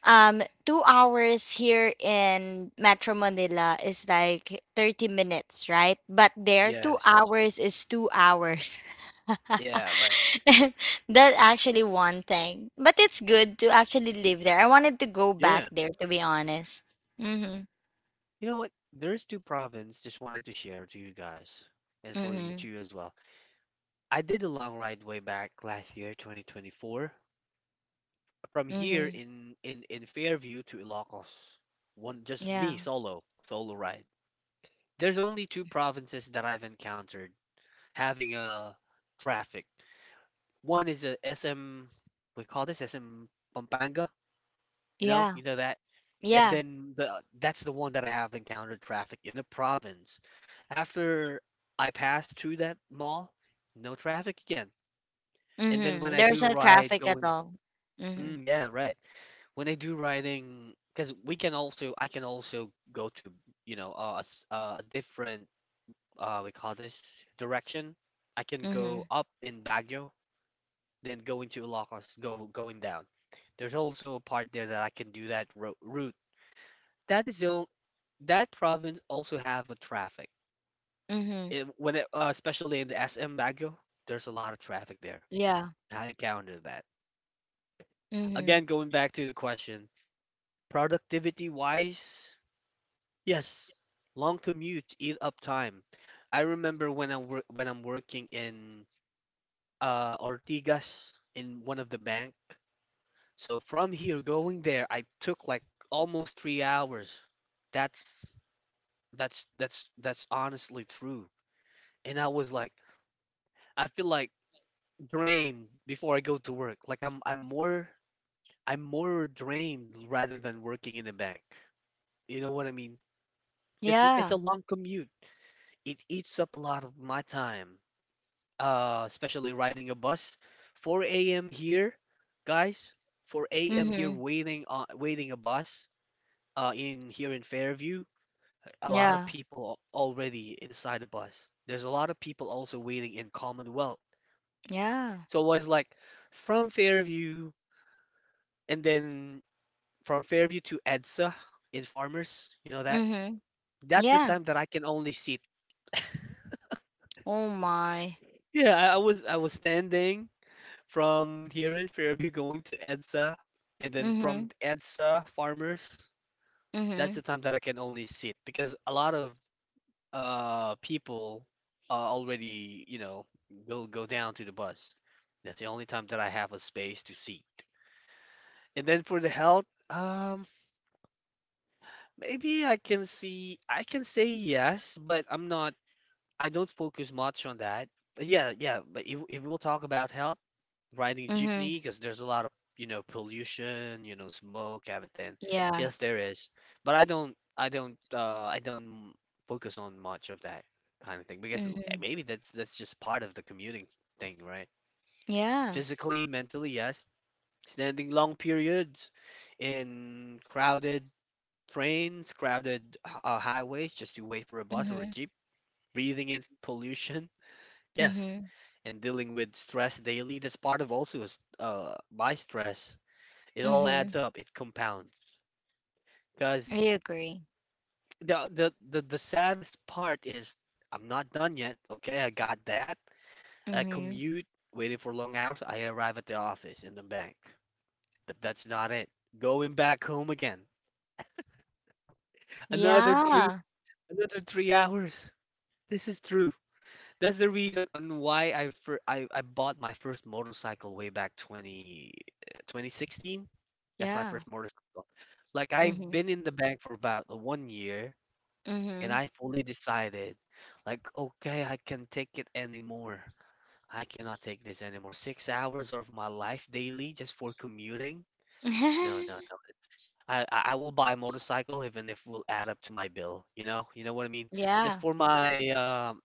[SPEAKER 2] 2 hours here in Metro Manila is like 30 minutes, right? But there, 2
[SPEAKER 1] yes,
[SPEAKER 2] hours is 2 hours. [LAUGHS]
[SPEAKER 1] yeah, right,
[SPEAKER 2] And that actually one thing, but it's good to actually live there. I wanted to go back
[SPEAKER 1] yeah.
[SPEAKER 2] there, to be honest. Mhm.
[SPEAKER 1] You know what? There's two province just wanted to share to you guys and for you
[SPEAKER 2] Mhm.
[SPEAKER 1] too as well. I did a long ride way back last year, 2024, from here
[SPEAKER 2] Mhm.
[SPEAKER 1] in Fairview to Ilocos. One, just
[SPEAKER 2] Yeah.
[SPEAKER 1] me solo, solo ride. There's only two provinces that I've encountered having a traffic. One is a SM, we call this SM Pampanga,
[SPEAKER 2] Yeah.
[SPEAKER 1] you know that. And
[SPEAKER 2] Yeah.
[SPEAKER 1] then the that's the one that I have encountered traffic in the province. After I pass through that mall, no traffic again. And then when
[SPEAKER 2] Mhm.
[SPEAKER 1] I
[SPEAKER 2] There's
[SPEAKER 1] do
[SPEAKER 2] no
[SPEAKER 1] ride
[SPEAKER 2] traffic at
[SPEAKER 1] going,
[SPEAKER 2] all. Mhm.
[SPEAKER 1] mm, yeah, right. When I do riding, because we can also, I can also go to, a different, we call this direction. I can
[SPEAKER 2] Mhm.
[SPEAKER 1] go up in Baguio then going to Ilocos, go going down. There's also a part there that I can do that ro route. That is the only, that province also have a traffic.
[SPEAKER 2] Mhm.
[SPEAKER 1] When it, especially in the SM Baguio, there's a lot of traffic there.
[SPEAKER 2] Yeah.
[SPEAKER 1] I encountered that.
[SPEAKER 2] Mhm.
[SPEAKER 1] Again, going back to the question, productivity wise, yes, long commutes eat up time. I remember when I'm working in Ortigas in one of the bank. So from here going there, I took like almost 3 hours. That's that's honestly true. And I was like, I feel like drained before I go to work. Like I'm more drained rather than working in a bank. You know what I mean? It's a- it's
[SPEAKER 2] Yeah.
[SPEAKER 1] a long commute. It eats up a lot of my time, especially riding a bus. 4 a.m. here, guys. 4 a.m. here,
[SPEAKER 2] Mhm.
[SPEAKER 1] waiting a bus, in here in Fairview. A lot of
[SPEAKER 2] Yeah.
[SPEAKER 1] people already inside the bus. There's a lot of people also waiting in Commonwealth.
[SPEAKER 2] Yeah.
[SPEAKER 1] So it was like from Fairview and then from Fairview to EDSA in Farmers. You know that?
[SPEAKER 2] Mhm.
[SPEAKER 1] That's the
[SPEAKER 2] Yeah.
[SPEAKER 1] time that I can only sit.
[SPEAKER 2] Oh my.
[SPEAKER 1] Yeah, I was standing from here in Fairview going to EDSA and then
[SPEAKER 2] Mhm.
[SPEAKER 1] from EDSA Farmers. That's the
[SPEAKER 2] Mhm.
[SPEAKER 1] time that I can only sit because a lot of people already will go down to the bus. That's the only time that I have a space to seat. And then for the health, um maybe I can say yes, but I don't focus much on that. But yeah, yeah, but if we'll talk about health, riding a
[SPEAKER 2] Mhm.
[SPEAKER 1] jeepney, because there's a lot of, pollution, smoke, everything.
[SPEAKER 2] Yeah.
[SPEAKER 1] Yes, there is, but I don't focus on much of that kind of thing. Because
[SPEAKER 2] Mhm.
[SPEAKER 1] maybe that's just part of the commuting thing, right.
[SPEAKER 2] Yeah.
[SPEAKER 1] Physically, mentally, yes, standing long periods in crowded trains, crowded highways just to wait for a bus or a
[SPEAKER 2] Mhm.
[SPEAKER 1] jeep, breathing in pollution, yes,
[SPEAKER 2] Mhm.
[SPEAKER 1] and dealing with stress daily, that's part of also my stress. It all
[SPEAKER 2] Mhm.
[SPEAKER 1] adds up. It compounds.
[SPEAKER 2] I
[SPEAKER 1] Because
[SPEAKER 2] agree.
[SPEAKER 1] the saddest part is, I'm not done yet. Okay, I got that. I
[SPEAKER 2] Mhm.
[SPEAKER 1] commute, waiting for long hours. I arrive at the office in the bank, but that's not it. Going back home again. Another three,
[SPEAKER 2] Yeah.
[SPEAKER 1] Another 3 hours. This is true. That's the reason on why I bought my first motorcycle way back 2016. That's my
[SPEAKER 2] Yeah.
[SPEAKER 1] first motorcycle. Like I've
[SPEAKER 2] Mhm.
[SPEAKER 1] been in the bank for about one year, and
[SPEAKER 2] Mhm.
[SPEAKER 1] I fully decided, like, okay, I can take it anymore. I cannot take this anymore. 6 hours of my life daily just for commuting? No, no, no.
[SPEAKER 2] [LAUGHS]
[SPEAKER 1] I will buy a motorcycle even if it will add up to my bill. You know what I mean? Just
[SPEAKER 2] Yeah,
[SPEAKER 1] for my, um,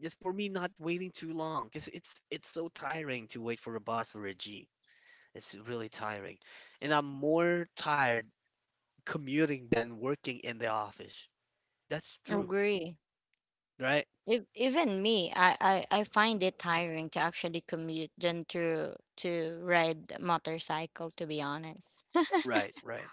[SPEAKER 1] just for me not waiting too long, 'cause it's so tiring to wait for a bus or a jeep. It's really tiring, and I'm more tired commuting than working in the office. That's true,
[SPEAKER 2] agree.
[SPEAKER 1] right?
[SPEAKER 2] If, even me, I find it tiring to actually commute than to ride motorcycle, to be honest. [LAUGHS]
[SPEAKER 1] Right, right.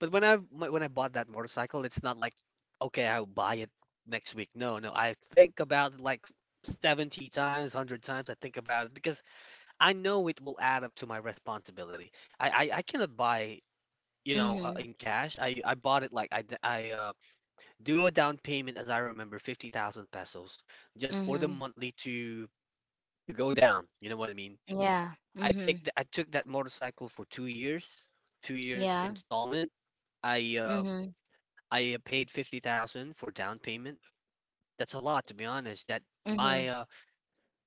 [SPEAKER 1] But when I bought that motorcycle, it's not like, okay, I'll buy it next week. No, no, I think about it like 70 times, 100 times. I think about it because I know it will add up to my responsibility. I cannot buy,
[SPEAKER 2] Mm-hmm.
[SPEAKER 1] in cash. I bought it like I d- I do a down payment as I remember 50,000 pesos just for the
[SPEAKER 2] Mhm.
[SPEAKER 1] monthly to go down. You know what I mean?
[SPEAKER 2] Yeah. Mhm.
[SPEAKER 1] I took that motorcycle for 2 years, 2 years
[SPEAKER 2] Yeah.
[SPEAKER 1] installment. I uh,
[SPEAKER 2] Mhm.
[SPEAKER 1] I paid 50,000 for down payment. That's a lot, to be honest. That my
[SPEAKER 2] Mhm.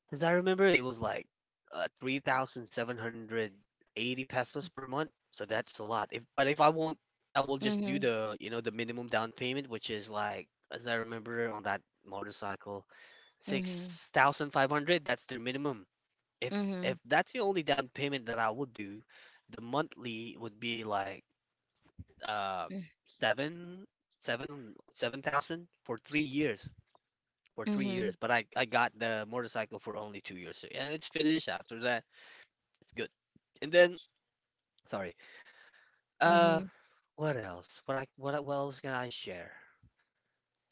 [SPEAKER 1] because I remember it was like 3,780 pesos per month. So that's a lot. If But if I won't, I will just do
[SPEAKER 2] Mhm.
[SPEAKER 1] the the minimum down payment, which is like, as I remember on that motorcycle,
[SPEAKER 2] Mhm.
[SPEAKER 1] 6,500. That's their minimum. If if
[SPEAKER 2] Mhm.
[SPEAKER 1] that's the only down payment that I would do, the monthly would be like uh
[SPEAKER 2] Mhm.
[SPEAKER 1] seven thousand for 3 years
[SPEAKER 2] Mhm.
[SPEAKER 1] but I got the motorcycle for only 2 years, so, and it's finished after that. It's good. And then, sorry, uh
[SPEAKER 2] Mhm.
[SPEAKER 1] what else can I share?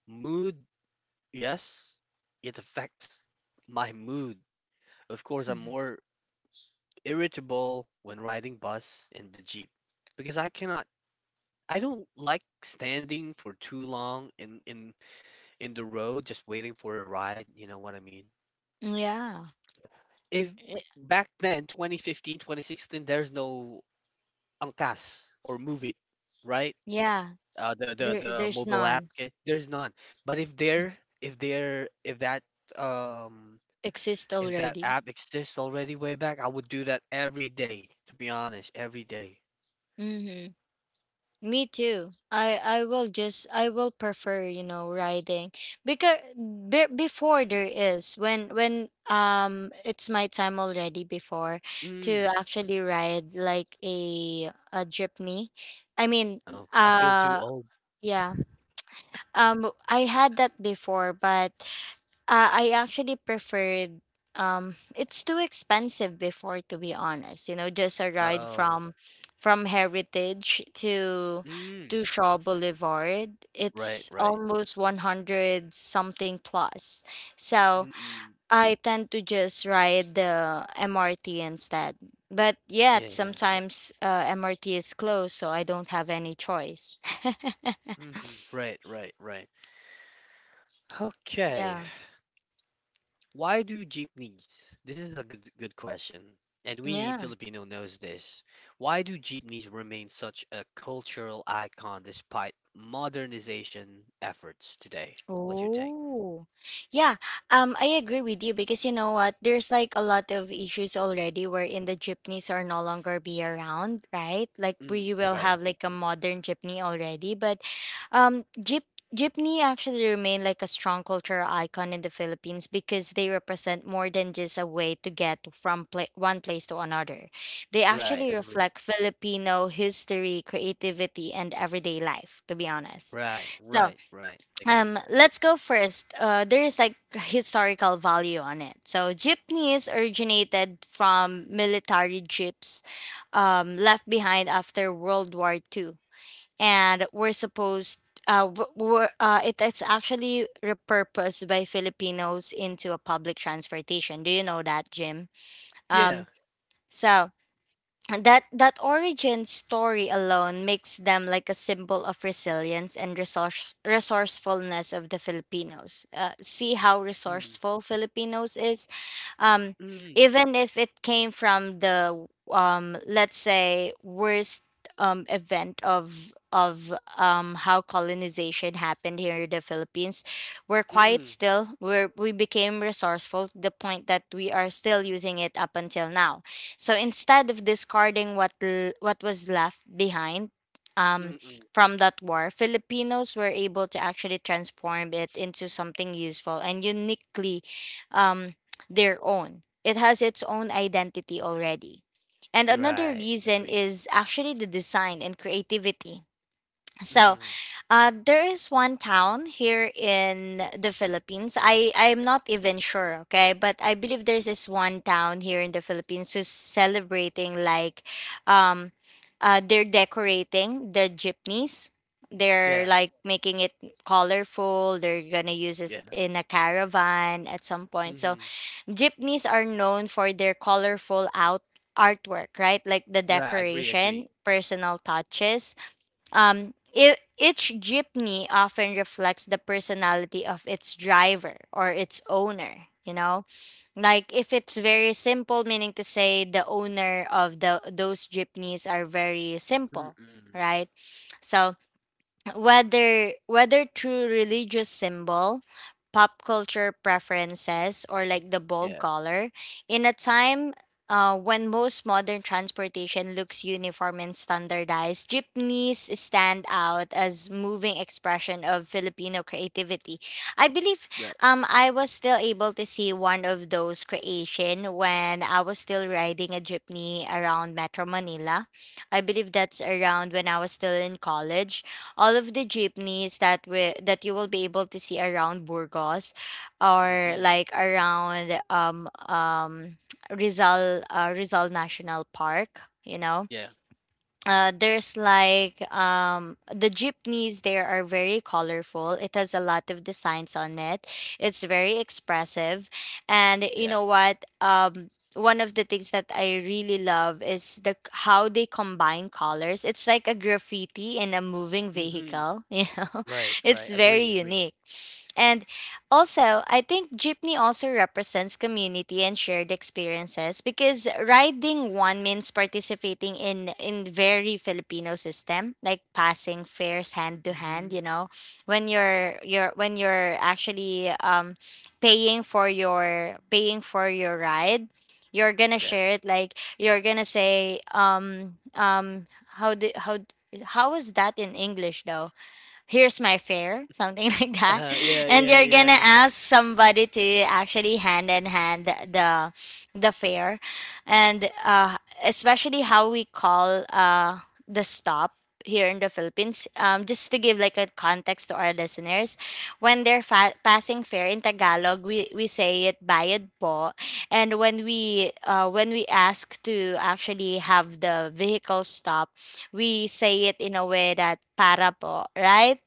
[SPEAKER 1] Mood, yes, it affects my mood, of course. I'm
[SPEAKER 2] Mhm.
[SPEAKER 1] more irritable when riding bus and the jeep because I don't like standing for too long in the road just waiting for a ride, you know what I mean?
[SPEAKER 2] Yeah.
[SPEAKER 1] If
[SPEAKER 2] Eh,
[SPEAKER 1] back then, 2015, 2016, there's no Angkas or Move It, right?
[SPEAKER 2] yeah.
[SPEAKER 1] Uh, the the
[SPEAKER 2] There
[SPEAKER 1] the
[SPEAKER 2] there's
[SPEAKER 1] mobile app,
[SPEAKER 2] none.
[SPEAKER 1] okay? There's none. But um
[SPEAKER 2] Exist
[SPEAKER 1] if that
[SPEAKER 2] already.
[SPEAKER 1] app exists already way back, I would do that every day, to be honest, every day.
[SPEAKER 2] Mhm. Me too. I will prefer, riding because before there is when it's my time already before to
[SPEAKER 1] Mm.
[SPEAKER 2] actually ride like a jeepney. I mean,
[SPEAKER 1] Oh, I feel too
[SPEAKER 2] uh
[SPEAKER 1] old.
[SPEAKER 2] yeah. I had that before, but I actually preferred. It's too expensive before, to be honest. Just a ride
[SPEAKER 1] Oh.
[SPEAKER 2] from Heritage to
[SPEAKER 1] Mm.
[SPEAKER 2] Shaw Boulevard.
[SPEAKER 1] Right,
[SPEAKER 2] It's
[SPEAKER 1] right.
[SPEAKER 2] almost 100 something plus. So,
[SPEAKER 1] Mm-mm.
[SPEAKER 2] I tend to just ride the MRT instead. But
[SPEAKER 1] Yeah,
[SPEAKER 2] yet
[SPEAKER 1] yeah.
[SPEAKER 2] sometimes MRT is closed, so I don't have any choice. [LAUGHS]
[SPEAKER 1] Mm-hmm. Right, right, right. Okay.
[SPEAKER 2] Yeah.
[SPEAKER 1] Why do jeepneys? This is a good question. And we
[SPEAKER 2] Yeah.
[SPEAKER 1] Filipino knows this. Why do jeepneys remain such a cultural icon despite modernization efforts today? What's your take?
[SPEAKER 2] Oh, yeah. I agree with you because you know what? There's like a lot of issues already wherein the jeepneys are no longer be around, right? Like we
[SPEAKER 1] Mm,
[SPEAKER 2] will
[SPEAKER 1] right.
[SPEAKER 2] have like a modern jeepney already, but um, jeep jeepney actually remain like a strong cultural icon in the Philippines because they represent more than just a way to get from pla one place to another. They
[SPEAKER 1] Right,
[SPEAKER 2] actually
[SPEAKER 1] agree.
[SPEAKER 2] reflect Filipino history, creativity, and everyday life, to be honest.
[SPEAKER 1] Right,
[SPEAKER 2] So,
[SPEAKER 1] right, right. Agree.
[SPEAKER 2] let's go first. There is, like, historical value on it. So jeepneys originated from military jeeps, left behind after World War II, and were supposed— it is actually repurposed by Filipinos into a public transportation. Do you know that, Jim? um
[SPEAKER 1] Yeah.
[SPEAKER 2] so that origin story alone makes them like a symbol of resilience and resourcefulness of the Filipinos. See how
[SPEAKER 1] Mm.
[SPEAKER 2] resourceful Filipinos is, um,
[SPEAKER 1] Mm.
[SPEAKER 2] even if it came from the— let's say worst event of how colonization happened here in the Philippines. We're quiet
[SPEAKER 1] Mm.
[SPEAKER 2] still. We became resourceful to the point that we are still using it up until now. So instead of discarding what what was left behind, um,
[SPEAKER 1] Mm. Mm.
[SPEAKER 2] from that war, Filipinos were able to actually transform it into something useful and uniquely um, their own. It has its own identity already. And another
[SPEAKER 1] Right,
[SPEAKER 2] reason
[SPEAKER 1] agree.
[SPEAKER 2] is actually the design and creativity. So,
[SPEAKER 1] Mm-hmm.
[SPEAKER 2] there is one town here in the Philippines. I'm not even sure, okay, but I believe there's this one town here in the Philippines who's celebrating, like, um, they're decorating the jeepneys. They're,
[SPEAKER 1] Yeah.
[SPEAKER 2] like, making it colorful. They're gonna use it
[SPEAKER 1] Yeah.
[SPEAKER 2] in a caravan at some point. So
[SPEAKER 1] Mm-hmm.
[SPEAKER 2] jeepneys are known for their colorful out artwork, right? Like the
[SPEAKER 1] Yeah, agree, agree.
[SPEAKER 2] decoration, personal touches. I Each jeepney often reflects the personality of its driver or its owner, you know? Like if it's very simple, meaning to say the owner of the those jeepneys are very simple,
[SPEAKER 1] Mm-mm.
[SPEAKER 2] right? So whether through religious symbol, pop culture preferences, or like the bold
[SPEAKER 1] Yeah,
[SPEAKER 2] color, in a time when most modern transportation looks uniform and standardized, jeepneys stand out as moving expression of Filipino creativity. I believe
[SPEAKER 1] right.
[SPEAKER 2] I was still able to see one of those creation when I was still riding a jeepney around Metro Manila. I believe that's around when I was still in college. All of the jeepneys that we that you will be able to see around Burgos, or
[SPEAKER 1] Mm-hmm.
[SPEAKER 2] like around [TSK] Rizal— Rizal National Park, you know.
[SPEAKER 1] Yeah.
[SPEAKER 2] There's like the jeepneys there are very colorful. It has a lot of designs on it. It's very expressive. And you
[SPEAKER 1] Yeah.
[SPEAKER 2] know what? One of the things that I really love is the how they combine colors. It's like a graffiti in a moving
[SPEAKER 1] Hmm.
[SPEAKER 2] vehicle. [LAUGHS]
[SPEAKER 1] Right,
[SPEAKER 2] It's
[SPEAKER 1] right.
[SPEAKER 2] very
[SPEAKER 1] Agree, agree.
[SPEAKER 2] unique. And also, I think jeepney also represents community and shared experiences because riding one means participating in very Filipino system, like passing fares hand to hand,
[SPEAKER 1] Hmm.
[SPEAKER 2] when you're actually paying for your ride, you're gonna
[SPEAKER 1] Yeah.
[SPEAKER 2] share it like you're gonna say— how do how d- how is that in English though? Here's my fare, something [LAUGHS] like that.
[SPEAKER 1] Yeah,
[SPEAKER 2] And
[SPEAKER 1] yeah,
[SPEAKER 2] you're
[SPEAKER 1] yeah.
[SPEAKER 2] gonna ask somebody to actually hand in hand the fare, and especially how we call the stop here in the Philippines. Just to give like a context to our listeners, when they're passing fare in Tagalog, we say it bayad po, and when we ask to actually have the vehicle stop, we say it in a way that para po, right?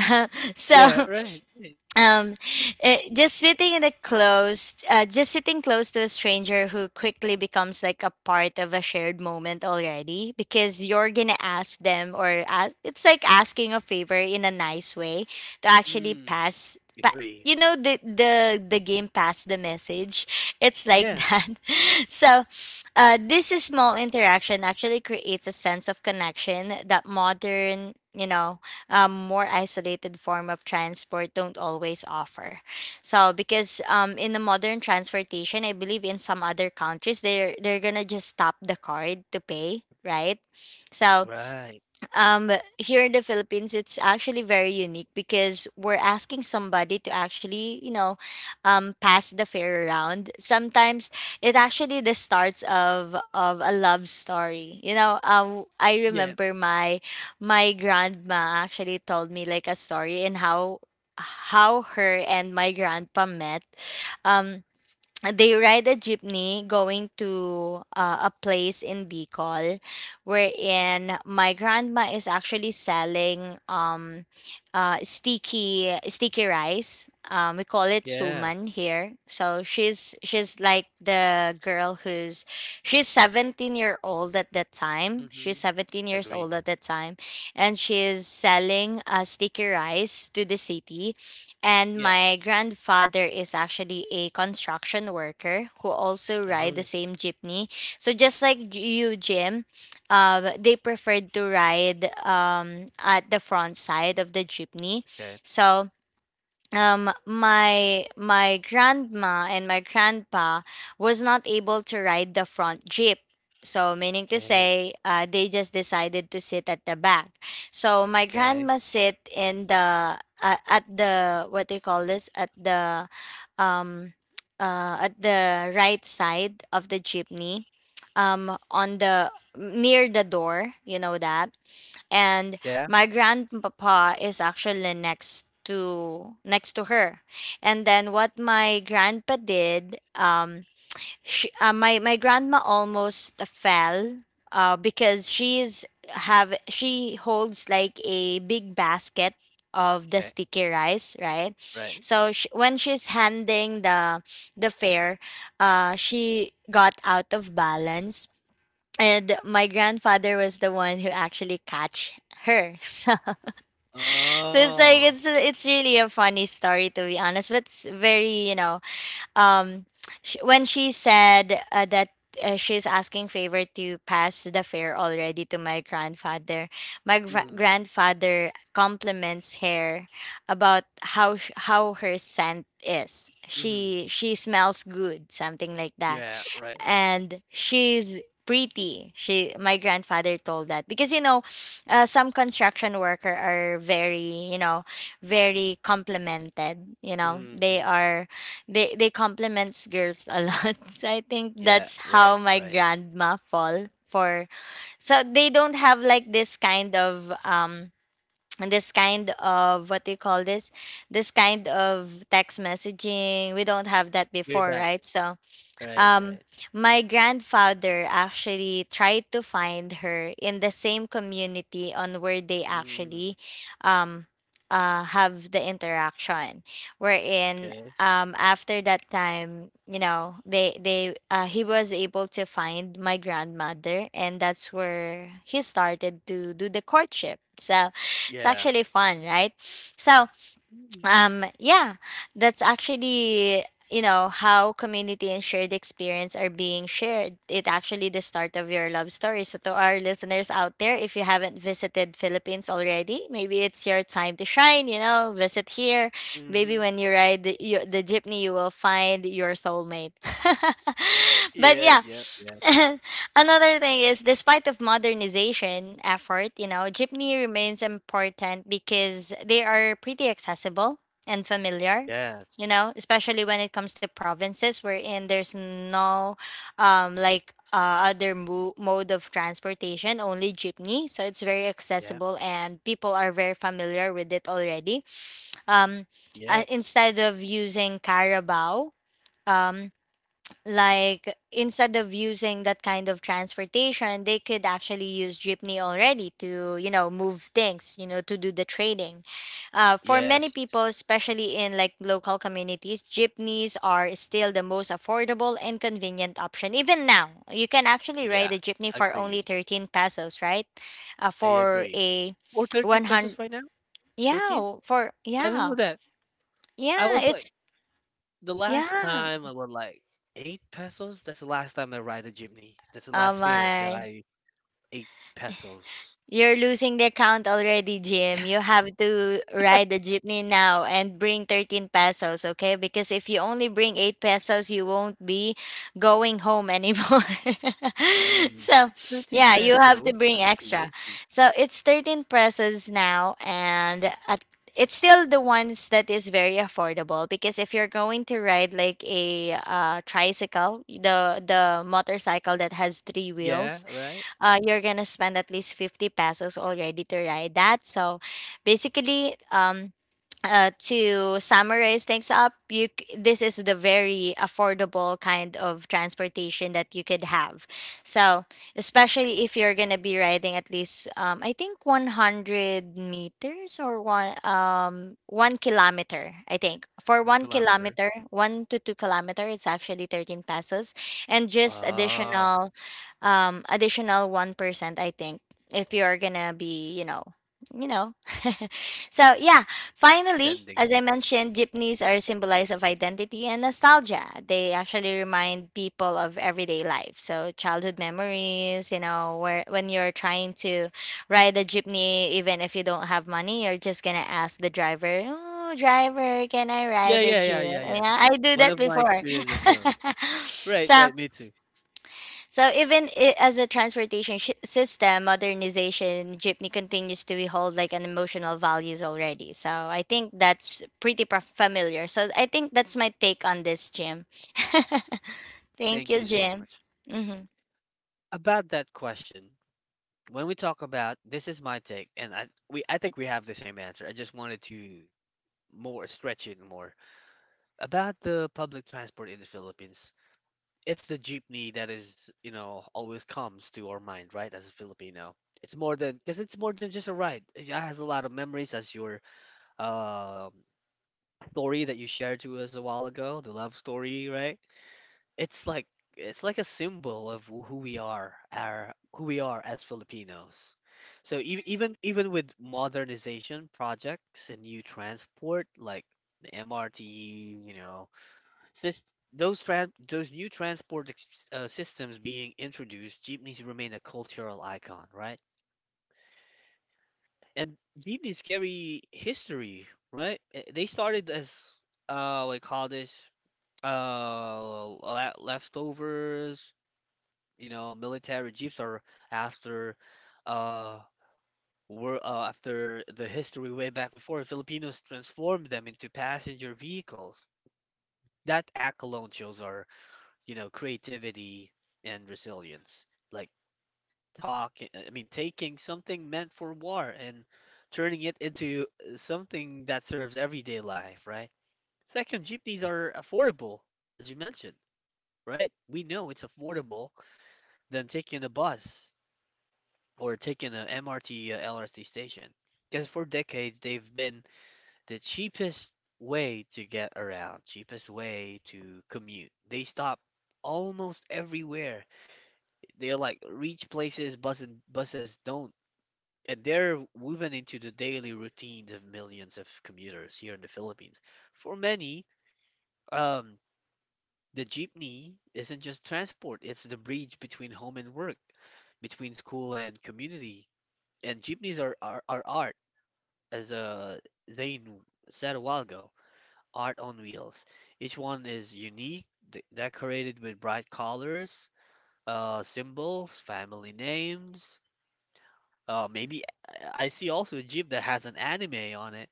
[SPEAKER 2] [LAUGHS]
[SPEAKER 1] Yeah,
[SPEAKER 2] So,
[SPEAKER 1] right, right.
[SPEAKER 2] um just sitting close to a stranger who quickly becomes like a part of a shared moment already because you're gonna ask them or ask, it's like asking a favor in a nice way to actually
[SPEAKER 1] Mm,
[SPEAKER 2] pass
[SPEAKER 1] agree.
[SPEAKER 2] you know the game pass the message. It's like
[SPEAKER 1] Yeah.
[SPEAKER 2] that. [LAUGHS] So, this is small interaction actually creates a sense of connection that modern— more isolated form of transport don't always offer. So, because in the modern transportation, I believe in some other countries they're gonna just stop the card to pay, right? So,
[SPEAKER 1] Right.
[SPEAKER 2] um here in the Philippines, it's actually very unique because we're asking somebody to actually pass the fair around. Sometimes it actually the starts of a love story. I
[SPEAKER 1] Yeah.
[SPEAKER 2] remember my grandma actually told me like a story and how her and my grandpa met. um they ride a jeepney going to a place in Bicol, wherein my grandma is actually selling sticky rice. We call it
[SPEAKER 1] Yeah.
[SPEAKER 2] suman here. So she's like the girl who's she's 17-year-old at that time. She's
[SPEAKER 1] Hmm.
[SPEAKER 2] 17 years
[SPEAKER 1] Agree.
[SPEAKER 2] old at that time. And she's selling sticky rice to the city, and
[SPEAKER 1] Yeah.
[SPEAKER 2] my grandfather is actually a construction worker who also ride the
[SPEAKER 1] Oh,
[SPEAKER 2] same jeepney. So, just like you, Jim, they preferred to ride, at the front side of the jeepney.
[SPEAKER 1] okay.
[SPEAKER 2] So, my grandma and my grandpa was not able to ride the front jeep. So, meaning to
[SPEAKER 1] Okay.
[SPEAKER 2] say, they just decided to sit at the back. So my
[SPEAKER 1] Okay.
[SPEAKER 2] grandma sit in the— at the— what do you call this— um at the right side of the jeepney, on the— near the door, you know that. And
[SPEAKER 1] Yeah.
[SPEAKER 2] my grandpapa is actually next to her. And then what my grandpa did— she, my grandma almost fell because she holds like a big basket of the
[SPEAKER 1] Okay.
[SPEAKER 2] sticky rice, right?
[SPEAKER 1] Right.
[SPEAKER 2] So, sh when she's handing the fare, she got out of balance, and my grandfather was the one who actually catch her. [LAUGHS] So, it's like
[SPEAKER 1] Oh.
[SPEAKER 2] it's really a funny story, to be honest, but it's very— um, when she said that she's asking favor to pass the fare already to my grandfather. My
[SPEAKER 1] Hmm.
[SPEAKER 2] grandfather compliments her about how her scent is.
[SPEAKER 1] Hmm.
[SPEAKER 2] She smells good, something like that.
[SPEAKER 1] Yeah, right.
[SPEAKER 2] And she's pretty— she my grandfather told that because, some construction worker are very, very complimented, they
[SPEAKER 1] Hmm.
[SPEAKER 2] are— they compliments girls a lot. [LAUGHS] So, I think
[SPEAKER 1] Yeah,
[SPEAKER 2] that's how
[SPEAKER 1] right,
[SPEAKER 2] my
[SPEAKER 1] right.
[SPEAKER 2] grandma fall for. So they don't have like this kind of and this kind of— what do you call this? This kind of text messaging. We don't have that
[SPEAKER 1] Way
[SPEAKER 2] before,
[SPEAKER 1] back.
[SPEAKER 2] right? So
[SPEAKER 1] Right,
[SPEAKER 2] um,
[SPEAKER 1] right.
[SPEAKER 2] my grandfather actually tried to find her in the same community on where they
[SPEAKER 1] Mm,
[SPEAKER 2] actually um, have the interaction. Wherein
[SPEAKER 1] okay.
[SPEAKER 2] after that time, you know, they he was able to find my grandmother, and that's where he started to do the courtship. So it's
[SPEAKER 1] Yeah.
[SPEAKER 2] actually fun, right? So yeah, that's actually, you know, how community and shared experience are being shared, it actually the start of your love story. So to our listeners out there, if you haven't visited Philippines already, maybe it's your time to shine, you know, visit here.
[SPEAKER 1] Mm-hmm.
[SPEAKER 2] Maybe when you ride the jeepney, you will find your soulmate. [LAUGHS] But
[SPEAKER 1] Yeah,
[SPEAKER 2] yeah. [SNIFFS]
[SPEAKER 1] yep, yeah.
[SPEAKER 2] [LAUGHS] Another thing is, despite of modernization effort, you know, jeepney remains important because they are pretty accessible and familiar.
[SPEAKER 1] Yes.
[SPEAKER 2] You know, especially when it comes to provinces wherein there's no, like other mode of transportation, only jeepney. So it's very
[SPEAKER 1] Yeah.
[SPEAKER 2] accessible and people are very familiar with it already. Um,
[SPEAKER 1] Yeah.
[SPEAKER 2] Instead of using carabao. Um, like, instead of using that kind of transportation, they could actually use jeepney already to, you know, move things, you know, to do the trading. For many people,
[SPEAKER 1] Yes.
[SPEAKER 2] especially in like local communities, jeepneys are still the most affordable and convenient option. Even now you can actually
[SPEAKER 1] Yeah.
[SPEAKER 2] ride a jeepney for only
[SPEAKER 1] Agree.
[SPEAKER 2] 13 pesos, right?
[SPEAKER 1] I
[SPEAKER 2] For
[SPEAKER 1] agree.
[SPEAKER 2] a
[SPEAKER 1] Or 13
[SPEAKER 2] 100.
[SPEAKER 1] pesos right now? 13?
[SPEAKER 2] Yeah, for,
[SPEAKER 1] I don't
[SPEAKER 2] yeah,
[SPEAKER 1] know that. I
[SPEAKER 2] yeah,
[SPEAKER 1] would like,
[SPEAKER 2] it's,
[SPEAKER 1] the last
[SPEAKER 2] yeah.
[SPEAKER 1] time I would like 8 pesos. That's the last time I ride a jeepney. That's the
[SPEAKER 2] Oh
[SPEAKER 1] last fare that
[SPEAKER 2] my.
[SPEAKER 1] I ate pesos.
[SPEAKER 2] You're losing the count already, Jim. You have to ride the jeepney now and bring 13 pesos, okay? Because if you only bring 8 pesos, you won't be going home anymore. [LAUGHS]
[SPEAKER 1] Mm.
[SPEAKER 2] So,
[SPEAKER 1] 13
[SPEAKER 2] yeah, you have to
[SPEAKER 1] pesos. I
[SPEAKER 2] bring
[SPEAKER 1] see.
[SPEAKER 2] extra.
[SPEAKER 1] I see.
[SPEAKER 2] So, it's 13 pesos now. And at it's still the ones that is very affordable because if you're going to ride like a tricycle, the motorcycle that has three
[SPEAKER 1] Yeah,
[SPEAKER 2] wheels,
[SPEAKER 1] right?
[SPEAKER 2] you're gonna spend at least 50 pesos already to ride that. So basically, to summarize things up, this is the very affordable kind of transportation that you could have. So especially if you're gonna be riding at least, I think 100 meters or one kilometer. I think for
[SPEAKER 1] One
[SPEAKER 2] one
[SPEAKER 1] kilometer.
[SPEAKER 2] kilometer, 1 to 2 kilometer, it's actually 13 pesos, and just
[SPEAKER 1] Oh,
[SPEAKER 2] additional 1%, I think, if you're gonna be, you know [LAUGHS] so yeah. Finally,
[SPEAKER 1] standing.
[SPEAKER 2] as I mentioned, jeepneys are symbolized of identity and nostalgia. They actually remind people of everyday life, so childhood memories, you know, where when you're trying to ride a jeepney, even if you don't have money, you're just gonna ask the driver, oh driver, can I
[SPEAKER 1] Yeah,
[SPEAKER 2] ride the
[SPEAKER 1] yeah,
[SPEAKER 2] jeep?
[SPEAKER 1] yeah, yeah, yeah.
[SPEAKER 2] Yeah, I do
[SPEAKER 1] One
[SPEAKER 2] that
[SPEAKER 1] of my
[SPEAKER 2] before.
[SPEAKER 1] experiences as well.
[SPEAKER 2] [LAUGHS]
[SPEAKER 1] Right,
[SPEAKER 2] so
[SPEAKER 1] right, me too.
[SPEAKER 2] so even I, as a transportation system modernization, jeepney continues to hold like an emotional values already. So I think that's pretty familiar. So I think that's my take on this, Jim. [LAUGHS] Thank
[SPEAKER 1] Thank
[SPEAKER 2] you,
[SPEAKER 1] you so
[SPEAKER 2] Jim.
[SPEAKER 1] much.
[SPEAKER 2] Hmm.
[SPEAKER 1] About that question, when we talk about this is my take, and I think we have the same answer. I just wanted to more stretch it more about the public transport in the Philippines. It's the jeepney that is, you know, always comes to our mind, right? As a Filipino, it's more than because it's more than just a ride. It has a lot of memories, as your um story that you shared to us a while ago, the love story, right? It's like it's like a symbol of who we are, our who we are as Filipinos. So even with modernization projects and new transport like the MRT, you know, sys- those new transport ex systems being introduced, jeepneys remain a cultural icon, right? And jeepneys carry history, right? Eh, they started as what do you call this? Leftovers. You know, military jeeps are after uh were after the history way back before Filipinos transformed them into passenger vehicles. That act alone shows our, you know, creativity and resilience. Like I mean, taking something meant for war and turning it into something that serves everyday life, right? Second, jeepneys are affordable, as you mentioned, right? We know it's affordable than taking a bus, or taking an MRT, LRT station. Because for decades, they've been the cheapest way to get around, cheapest way to commute. They stop almost everywhere. They're like reach places buses don't. And they're woven into the daily routines of millions of commuters here in the Philippines. For many, um, the jeepney isn't just transport, it's the bridge between home and work, between school and community. And jeepneys are art, as Zain said a while ago, art on wheels. Each one is unique, decorated with bright colors, symbols, family names. Maybe I see also a Jeep that has an anime on it.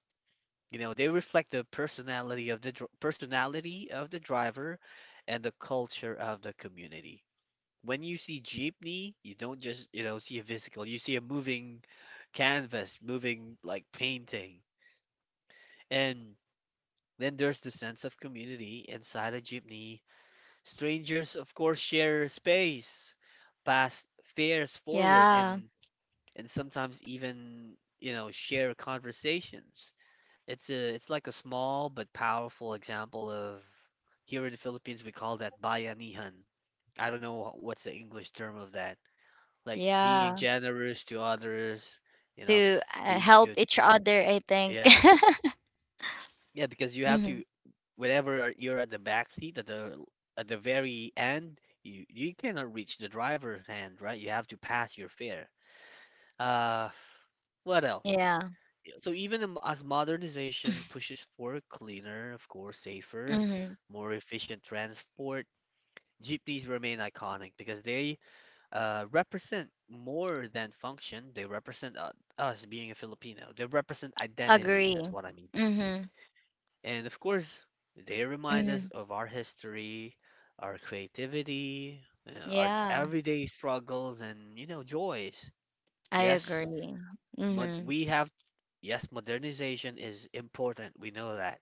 [SPEAKER 1] You know, they reflect the personality of the personality of the driver and the culture of the community. When you see jeepney, you don't just, you know, see a vehicle. You see a moving canvas, moving like painting. And then there's the sense of community inside a jeepney. Strangers, of course, share space, pass fares forward,
[SPEAKER 2] Yeah,
[SPEAKER 1] and sometimes even, you know, share conversations. It's a it's like a small but powerful example of, here in the Philippines we call that bayanihan. I don't know what's the English term of that. Like being
[SPEAKER 2] yeah.
[SPEAKER 1] generous to others, you know,
[SPEAKER 2] To
[SPEAKER 1] being
[SPEAKER 2] help
[SPEAKER 1] good.
[SPEAKER 2] each other, I think.
[SPEAKER 1] Yeah.
[SPEAKER 2] [LAUGHS]
[SPEAKER 1] Yeah, because you have
[SPEAKER 2] Mm-hmm.
[SPEAKER 1] to whenever you're at the back seat at the very end, you cannot reach the driver's hand, right? You have to pass your fare. Uh, what else?
[SPEAKER 2] Yeah.
[SPEAKER 1] Yeah, so even as modernization pushes for cleaner, of course, safer,
[SPEAKER 2] Mm-hmm.
[SPEAKER 1] more efficient transport, jeepneys remain iconic because they represent more than function. They represent us being a Filipino. They represent identity. That's
[SPEAKER 2] Agree.
[SPEAKER 1] what I mean.
[SPEAKER 2] Mm-hmm.
[SPEAKER 1] And of course, they remind us
[SPEAKER 2] Mm-hmm.
[SPEAKER 1] of our history, our creativity, our
[SPEAKER 2] Yeah,
[SPEAKER 1] everyday struggles, and, you know, joys.
[SPEAKER 2] I
[SPEAKER 1] Yes,
[SPEAKER 2] agree.
[SPEAKER 1] mod-
[SPEAKER 2] Mm-hmm.
[SPEAKER 1] we have, yes, modernization is important. We know that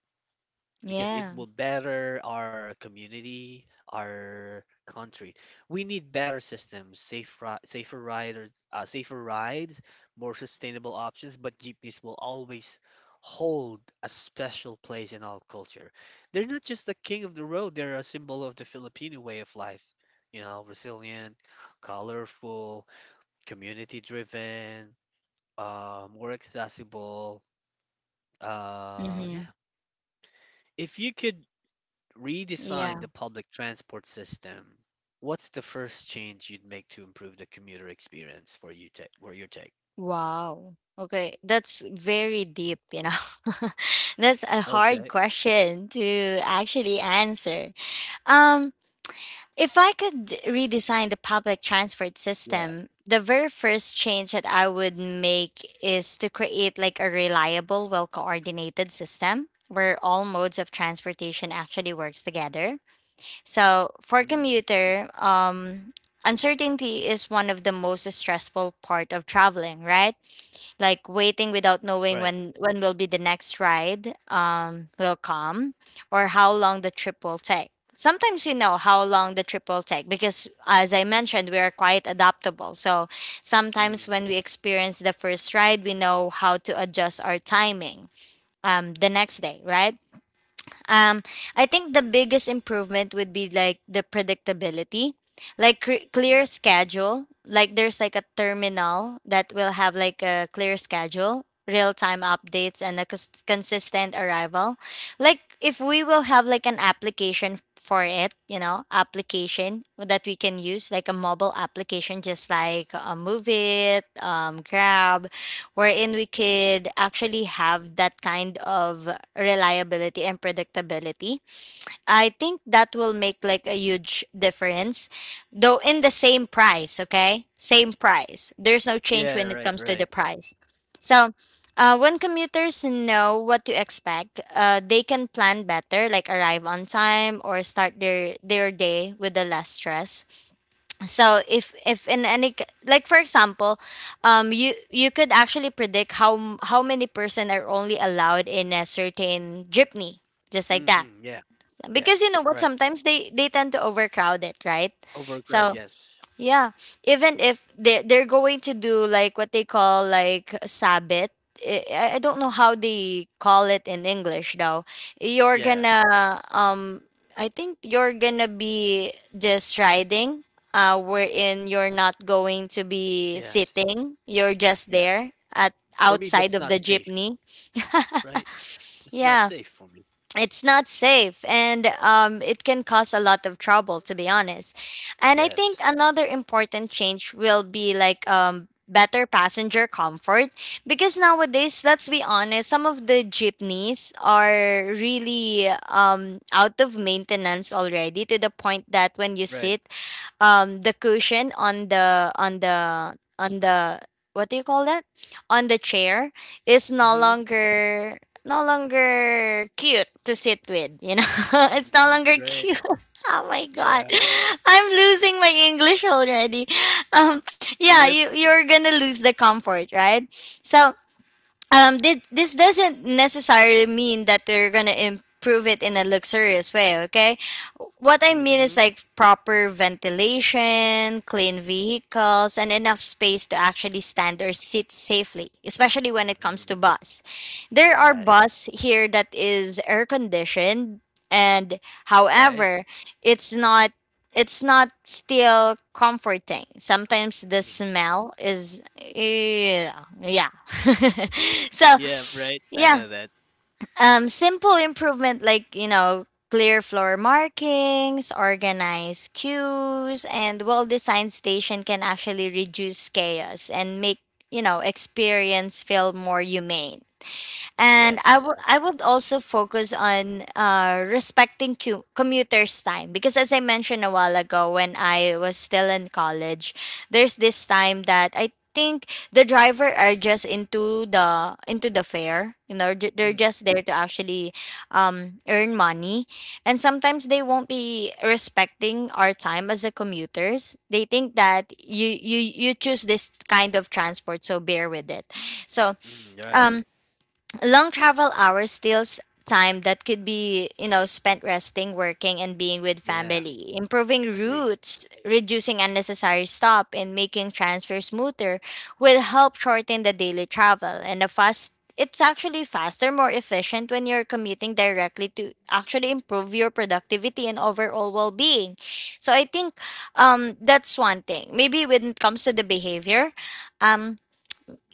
[SPEAKER 1] because it
[SPEAKER 2] Yeah.
[SPEAKER 1] will better our community, our country. We need better systems, safer riders, safer rides, more sustainable options, but jeepneys will always hold a special place in our culture. They're not just the king of the road, they're a symbol of the Filipino way of life. You know, resilient, colorful, community driven, more accessible. Yeah.
[SPEAKER 2] Mm-hmm.
[SPEAKER 1] If you could redesign
[SPEAKER 2] Yeah.
[SPEAKER 1] the public transport system, what's the first change you'd make to improve the commuter experience for your take?
[SPEAKER 2] Wow. Okay, that's very deep. [LAUGHS] That's a hard
[SPEAKER 1] Okay.
[SPEAKER 2] question to actually answer. Um, if I could redesign the public transport
[SPEAKER 1] Yeah.
[SPEAKER 2] system, the very first change that I would make is to create like a reliable, well-coordinated system where all modes of transportation actually works together. So for
[SPEAKER 1] Mm,
[SPEAKER 2] commuter, uncertainty is one of the most stressful part of traveling, right? Like waiting without knowing
[SPEAKER 1] right.
[SPEAKER 2] when will be the next ride will come, or how long the trip will take. Sometimes you know how long the trip will take because as I mentioned, we are quite adaptable. So sometimes
[SPEAKER 1] Mm,
[SPEAKER 2] when we experience the first ride, we know how to adjust our timing the next day, right? Um, I think the biggest improvement would be like the predictability, like clear
[SPEAKER 1] yeah.
[SPEAKER 2] schedule. Like there's like a terminal that will have like a clear schedule, real time updates, and a consistent arrival. Like if we will have like an application for it, application that we can use, like a mobile application, just like Move It, Grab, wherein we could actually have that kind of reliability and predictability. I think that will make like a huge difference, though in the same price, okay? Same price. There's no change
[SPEAKER 1] Yeah,
[SPEAKER 2] when it
[SPEAKER 1] right,
[SPEAKER 2] comes to the
[SPEAKER 1] right.
[SPEAKER 2] price. So, when commuters know what to expect, they can plan better, like arrive on time or start their day with the less stress. So if in any like for example, you could actually predict how many person are only allowed in a certain jeepney, just like that.
[SPEAKER 1] Hmm, yeah.
[SPEAKER 2] Because you
[SPEAKER 1] Yes.
[SPEAKER 2] know what,
[SPEAKER 1] Right.
[SPEAKER 2] sometimes they tend to overcrowd it, right?
[SPEAKER 1] Overcrowd,
[SPEAKER 2] So
[SPEAKER 1] yes.
[SPEAKER 2] yeah, even if they're going to do like what they call like sabbat. I don't know how they call it in English though. You're
[SPEAKER 1] Yeah.
[SPEAKER 2] gonna, um I think you're gonna be just riding, wherein you're not going to be
[SPEAKER 1] Yes.
[SPEAKER 2] sitting. You're just
[SPEAKER 1] Yeah.
[SPEAKER 2] there at
[SPEAKER 1] For me
[SPEAKER 2] outside
[SPEAKER 1] that's
[SPEAKER 2] of
[SPEAKER 1] not
[SPEAKER 2] the
[SPEAKER 1] safe,
[SPEAKER 2] jeepney.
[SPEAKER 1] right? It's not
[SPEAKER 2] Yeah,
[SPEAKER 1] safe for me.
[SPEAKER 2] it's not safe, and it can cause a lot of trouble to be honest. And I think
[SPEAKER 1] Yes.
[SPEAKER 2] another important change will be like, better passenger comfort. Because nowadays, let's be honest, some of the jeepneys are really, out of maintenance already to the point that when you
[SPEAKER 1] Right.
[SPEAKER 2] sit, the cushion on the, what do you call that, on the chair, is
[SPEAKER 1] Mm-hmm.
[SPEAKER 2] no longer cute to sit with. [LAUGHS] It's no
[SPEAKER 1] Mm-hmm.
[SPEAKER 2] longer
[SPEAKER 1] Right.
[SPEAKER 2] cute. [LAUGHS] Oh my god,
[SPEAKER 1] Yeah.
[SPEAKER 2] I'm losing my English already. um yeah,
[SPEAKER 1] Yep.
[SPEAKER 2] you're gonna lose the comfort, right? So, this doesn't necessarily mean that they're gonna improve it in a luxurious way, okay? What I mean is
[SPEAKER 1] Mm-hmm.
[SPEAKER 2] like proper ventilation, clean vehicles, and enough space to actually stand or sit safely, especially when it comes
[SPEAKER 1] Mm-hmm.
[SPEAKER 2] to bus. There are
[SPEAKER 1] Right.
[SPEAKER 2] bus here that is air conditioned, and
[SPEAKER 1] Right.
[SPEAKER 2] however, it's not it's not still comforting. Sometimes the
[SPEAKER 1] Mm-hmm.
[SPEAKER 2] smell is, yeah, yeah. [LAUGHS] So
[SPEAKER 1] Yeah, right. I
[SPEAKER 2] yeah,
[SPEAKER 1] know that.
[SPEAKER 2] simple improvement like, you know, clear floor markings, organized queues, and well-designed station can actually reduce chaos and make, experience feel more humane. And
[SPEAKER 1] Yes.
[SPEAKER 2] I would also focus on respecting commuters' time because as I mentioned a while ago, when I was still in college, there's this time that I think the driver are just into the fare. You know, they're
[SPEAKER 1] Mm,
[SPEAKER 2] just there to actually, earn money, and sometimes they won't be respecting our time as a commuters. They think that you choose this kind of transport, so bear with it. So
[SPEAKER 1] mm, right.
[SPEAKER 2] um, long travel hours steals time that could be, spent resting, working, and being with
[SPEAKER 1] Yeah.
[SPEAKER 2] family. Improving
[SPEAKER 1] Agree.
[SPEAKER 2] routes, reducing unnecessary stop, and making transfer smoother will help shorten the daily travel, and the fast it's actually faster, more efficient when you're commuting directly to actually improve your productivity and overall well-being. So I think, that's one thing, maybe when it comes to the behavior. um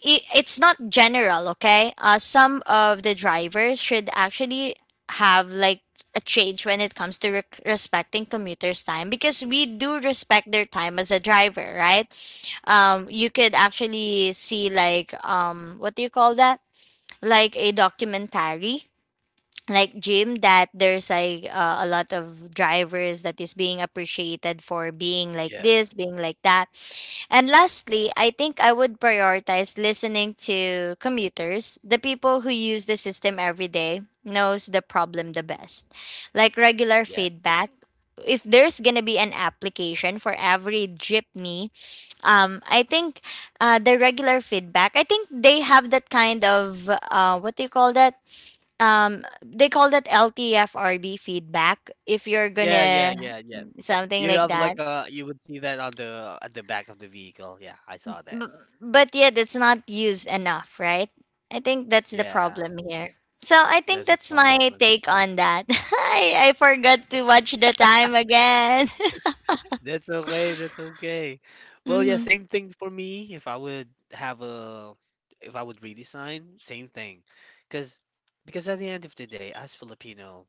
[SPEAKER 2] it's not general, okay? Some of the drivers should actually have like a change when it comes to rec respecting commuters' time because we do respect their time as a driver, right? You could actually see like, what do you call that? Like a documentary like gym that there's like a lot of drivers that is being appreciated for being like
[SPEAKER 1] Yeah.
[SPEAKER 2] this, being like that. And lastly, I think I would prioritize listening to commuters, the people who use the system every day knows the problem the best, like regular
[SPEAKER 1] Yeah.
[SPEAKER 2] feedback. If there's gonna be an application for every jeepney, I think, the regular feedback, I think they have that kind of, what do you call that, um they call that LTFRB feedback, if you're
[SPEAKER 1] Yeah. Yeah.
[SPEAKER 2] gonna,
[SPEAKER 1] Yeah. Yeah.
[SPEAKER 2] something
[SPEAKER 1] You
[SPEAKER 2] like
[SPEAKER 1] have
[SPEAKER 2] that.
[SPEAKER 1] like a you would see that on the at the back of the vehicle. Yeah, I saw that.
[SPEAKER 2] B- but yeah, that's not used enough, right? I think that's the
[SPEAKER 1] Yeah,
[SPEAKER 2] problem here. So I think
[SPEAKER 1] that's a
[SPEAKER 2] that's my
[SPEAKER 1] problem.
[SPEAKER 2] take on that. [LAUGHS] I forgot to watch the time again.
[SPEAKER 1] That's okay. That's okay.
[SPEAKER 2] [LAUGHS]
[SPEAKER 1] Well, yeah,
[SPEAKER 2] Mm-hmm.
[SPEAKER 1] same thing for me. If I would have a if I would redesign, same thing, because because at the end of the day, as Filipino.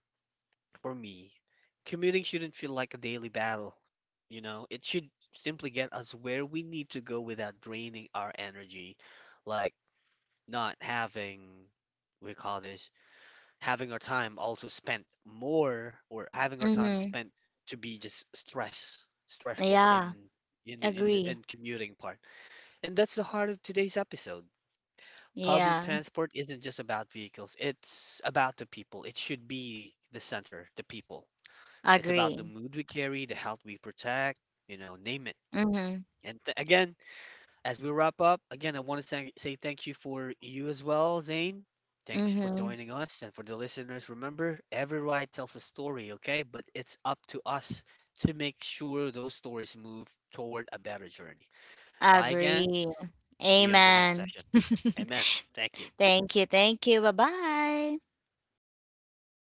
[SPEAKER 1] For me, commuting shouldn't feel like a daily battle. You know, it should simply get us where we need to go without draining our energy, like not having, we call this, having our time also spent more or having our time
[SPEAKER 2] Mm-hmm.
[SPEAKER 1] spent to be just stressful
[SPEAKER 2] Yeah,
[SPEAKER 1] in the, in the
[SPEAKER 2] agree.
[SPEAKER 1] in commuting part. And that's the heart of today's episode. Public
[SPEAKER 2] Yeah,
[SPEAKER 1] transport isn't just about vehicles, it's about the people. It should be the center, the people. It's about the
[SPEAKER 2] agree.
[SPEAKER 1] mood we carry, the health we protect, you know, name it.
[SPEAKER 2] Mm-hmm.
[SPEAKER 1] And again, as we wrap up, again, I want to say thank you for you as well, Zane. Thanks for
[SPEAKER 2] Mm-hmm.
[SPEAKER 1] joining us. And for the listeners, remember, every ride tells a story, okay? But it's up to us to make sure those stories move toward a better journey. Bye again.
[SPEAKER 2] Agree.
[SPEAKER 1] See you on the next
[SPEAKER 2] Amen.
[SPEAKER 1] session.
[SPEAKER 2] [LAUGHS]
[SPEAKER 1] Amen. Thank you.
[SPEAKER 2] Thank you. Thank you. Bye bye.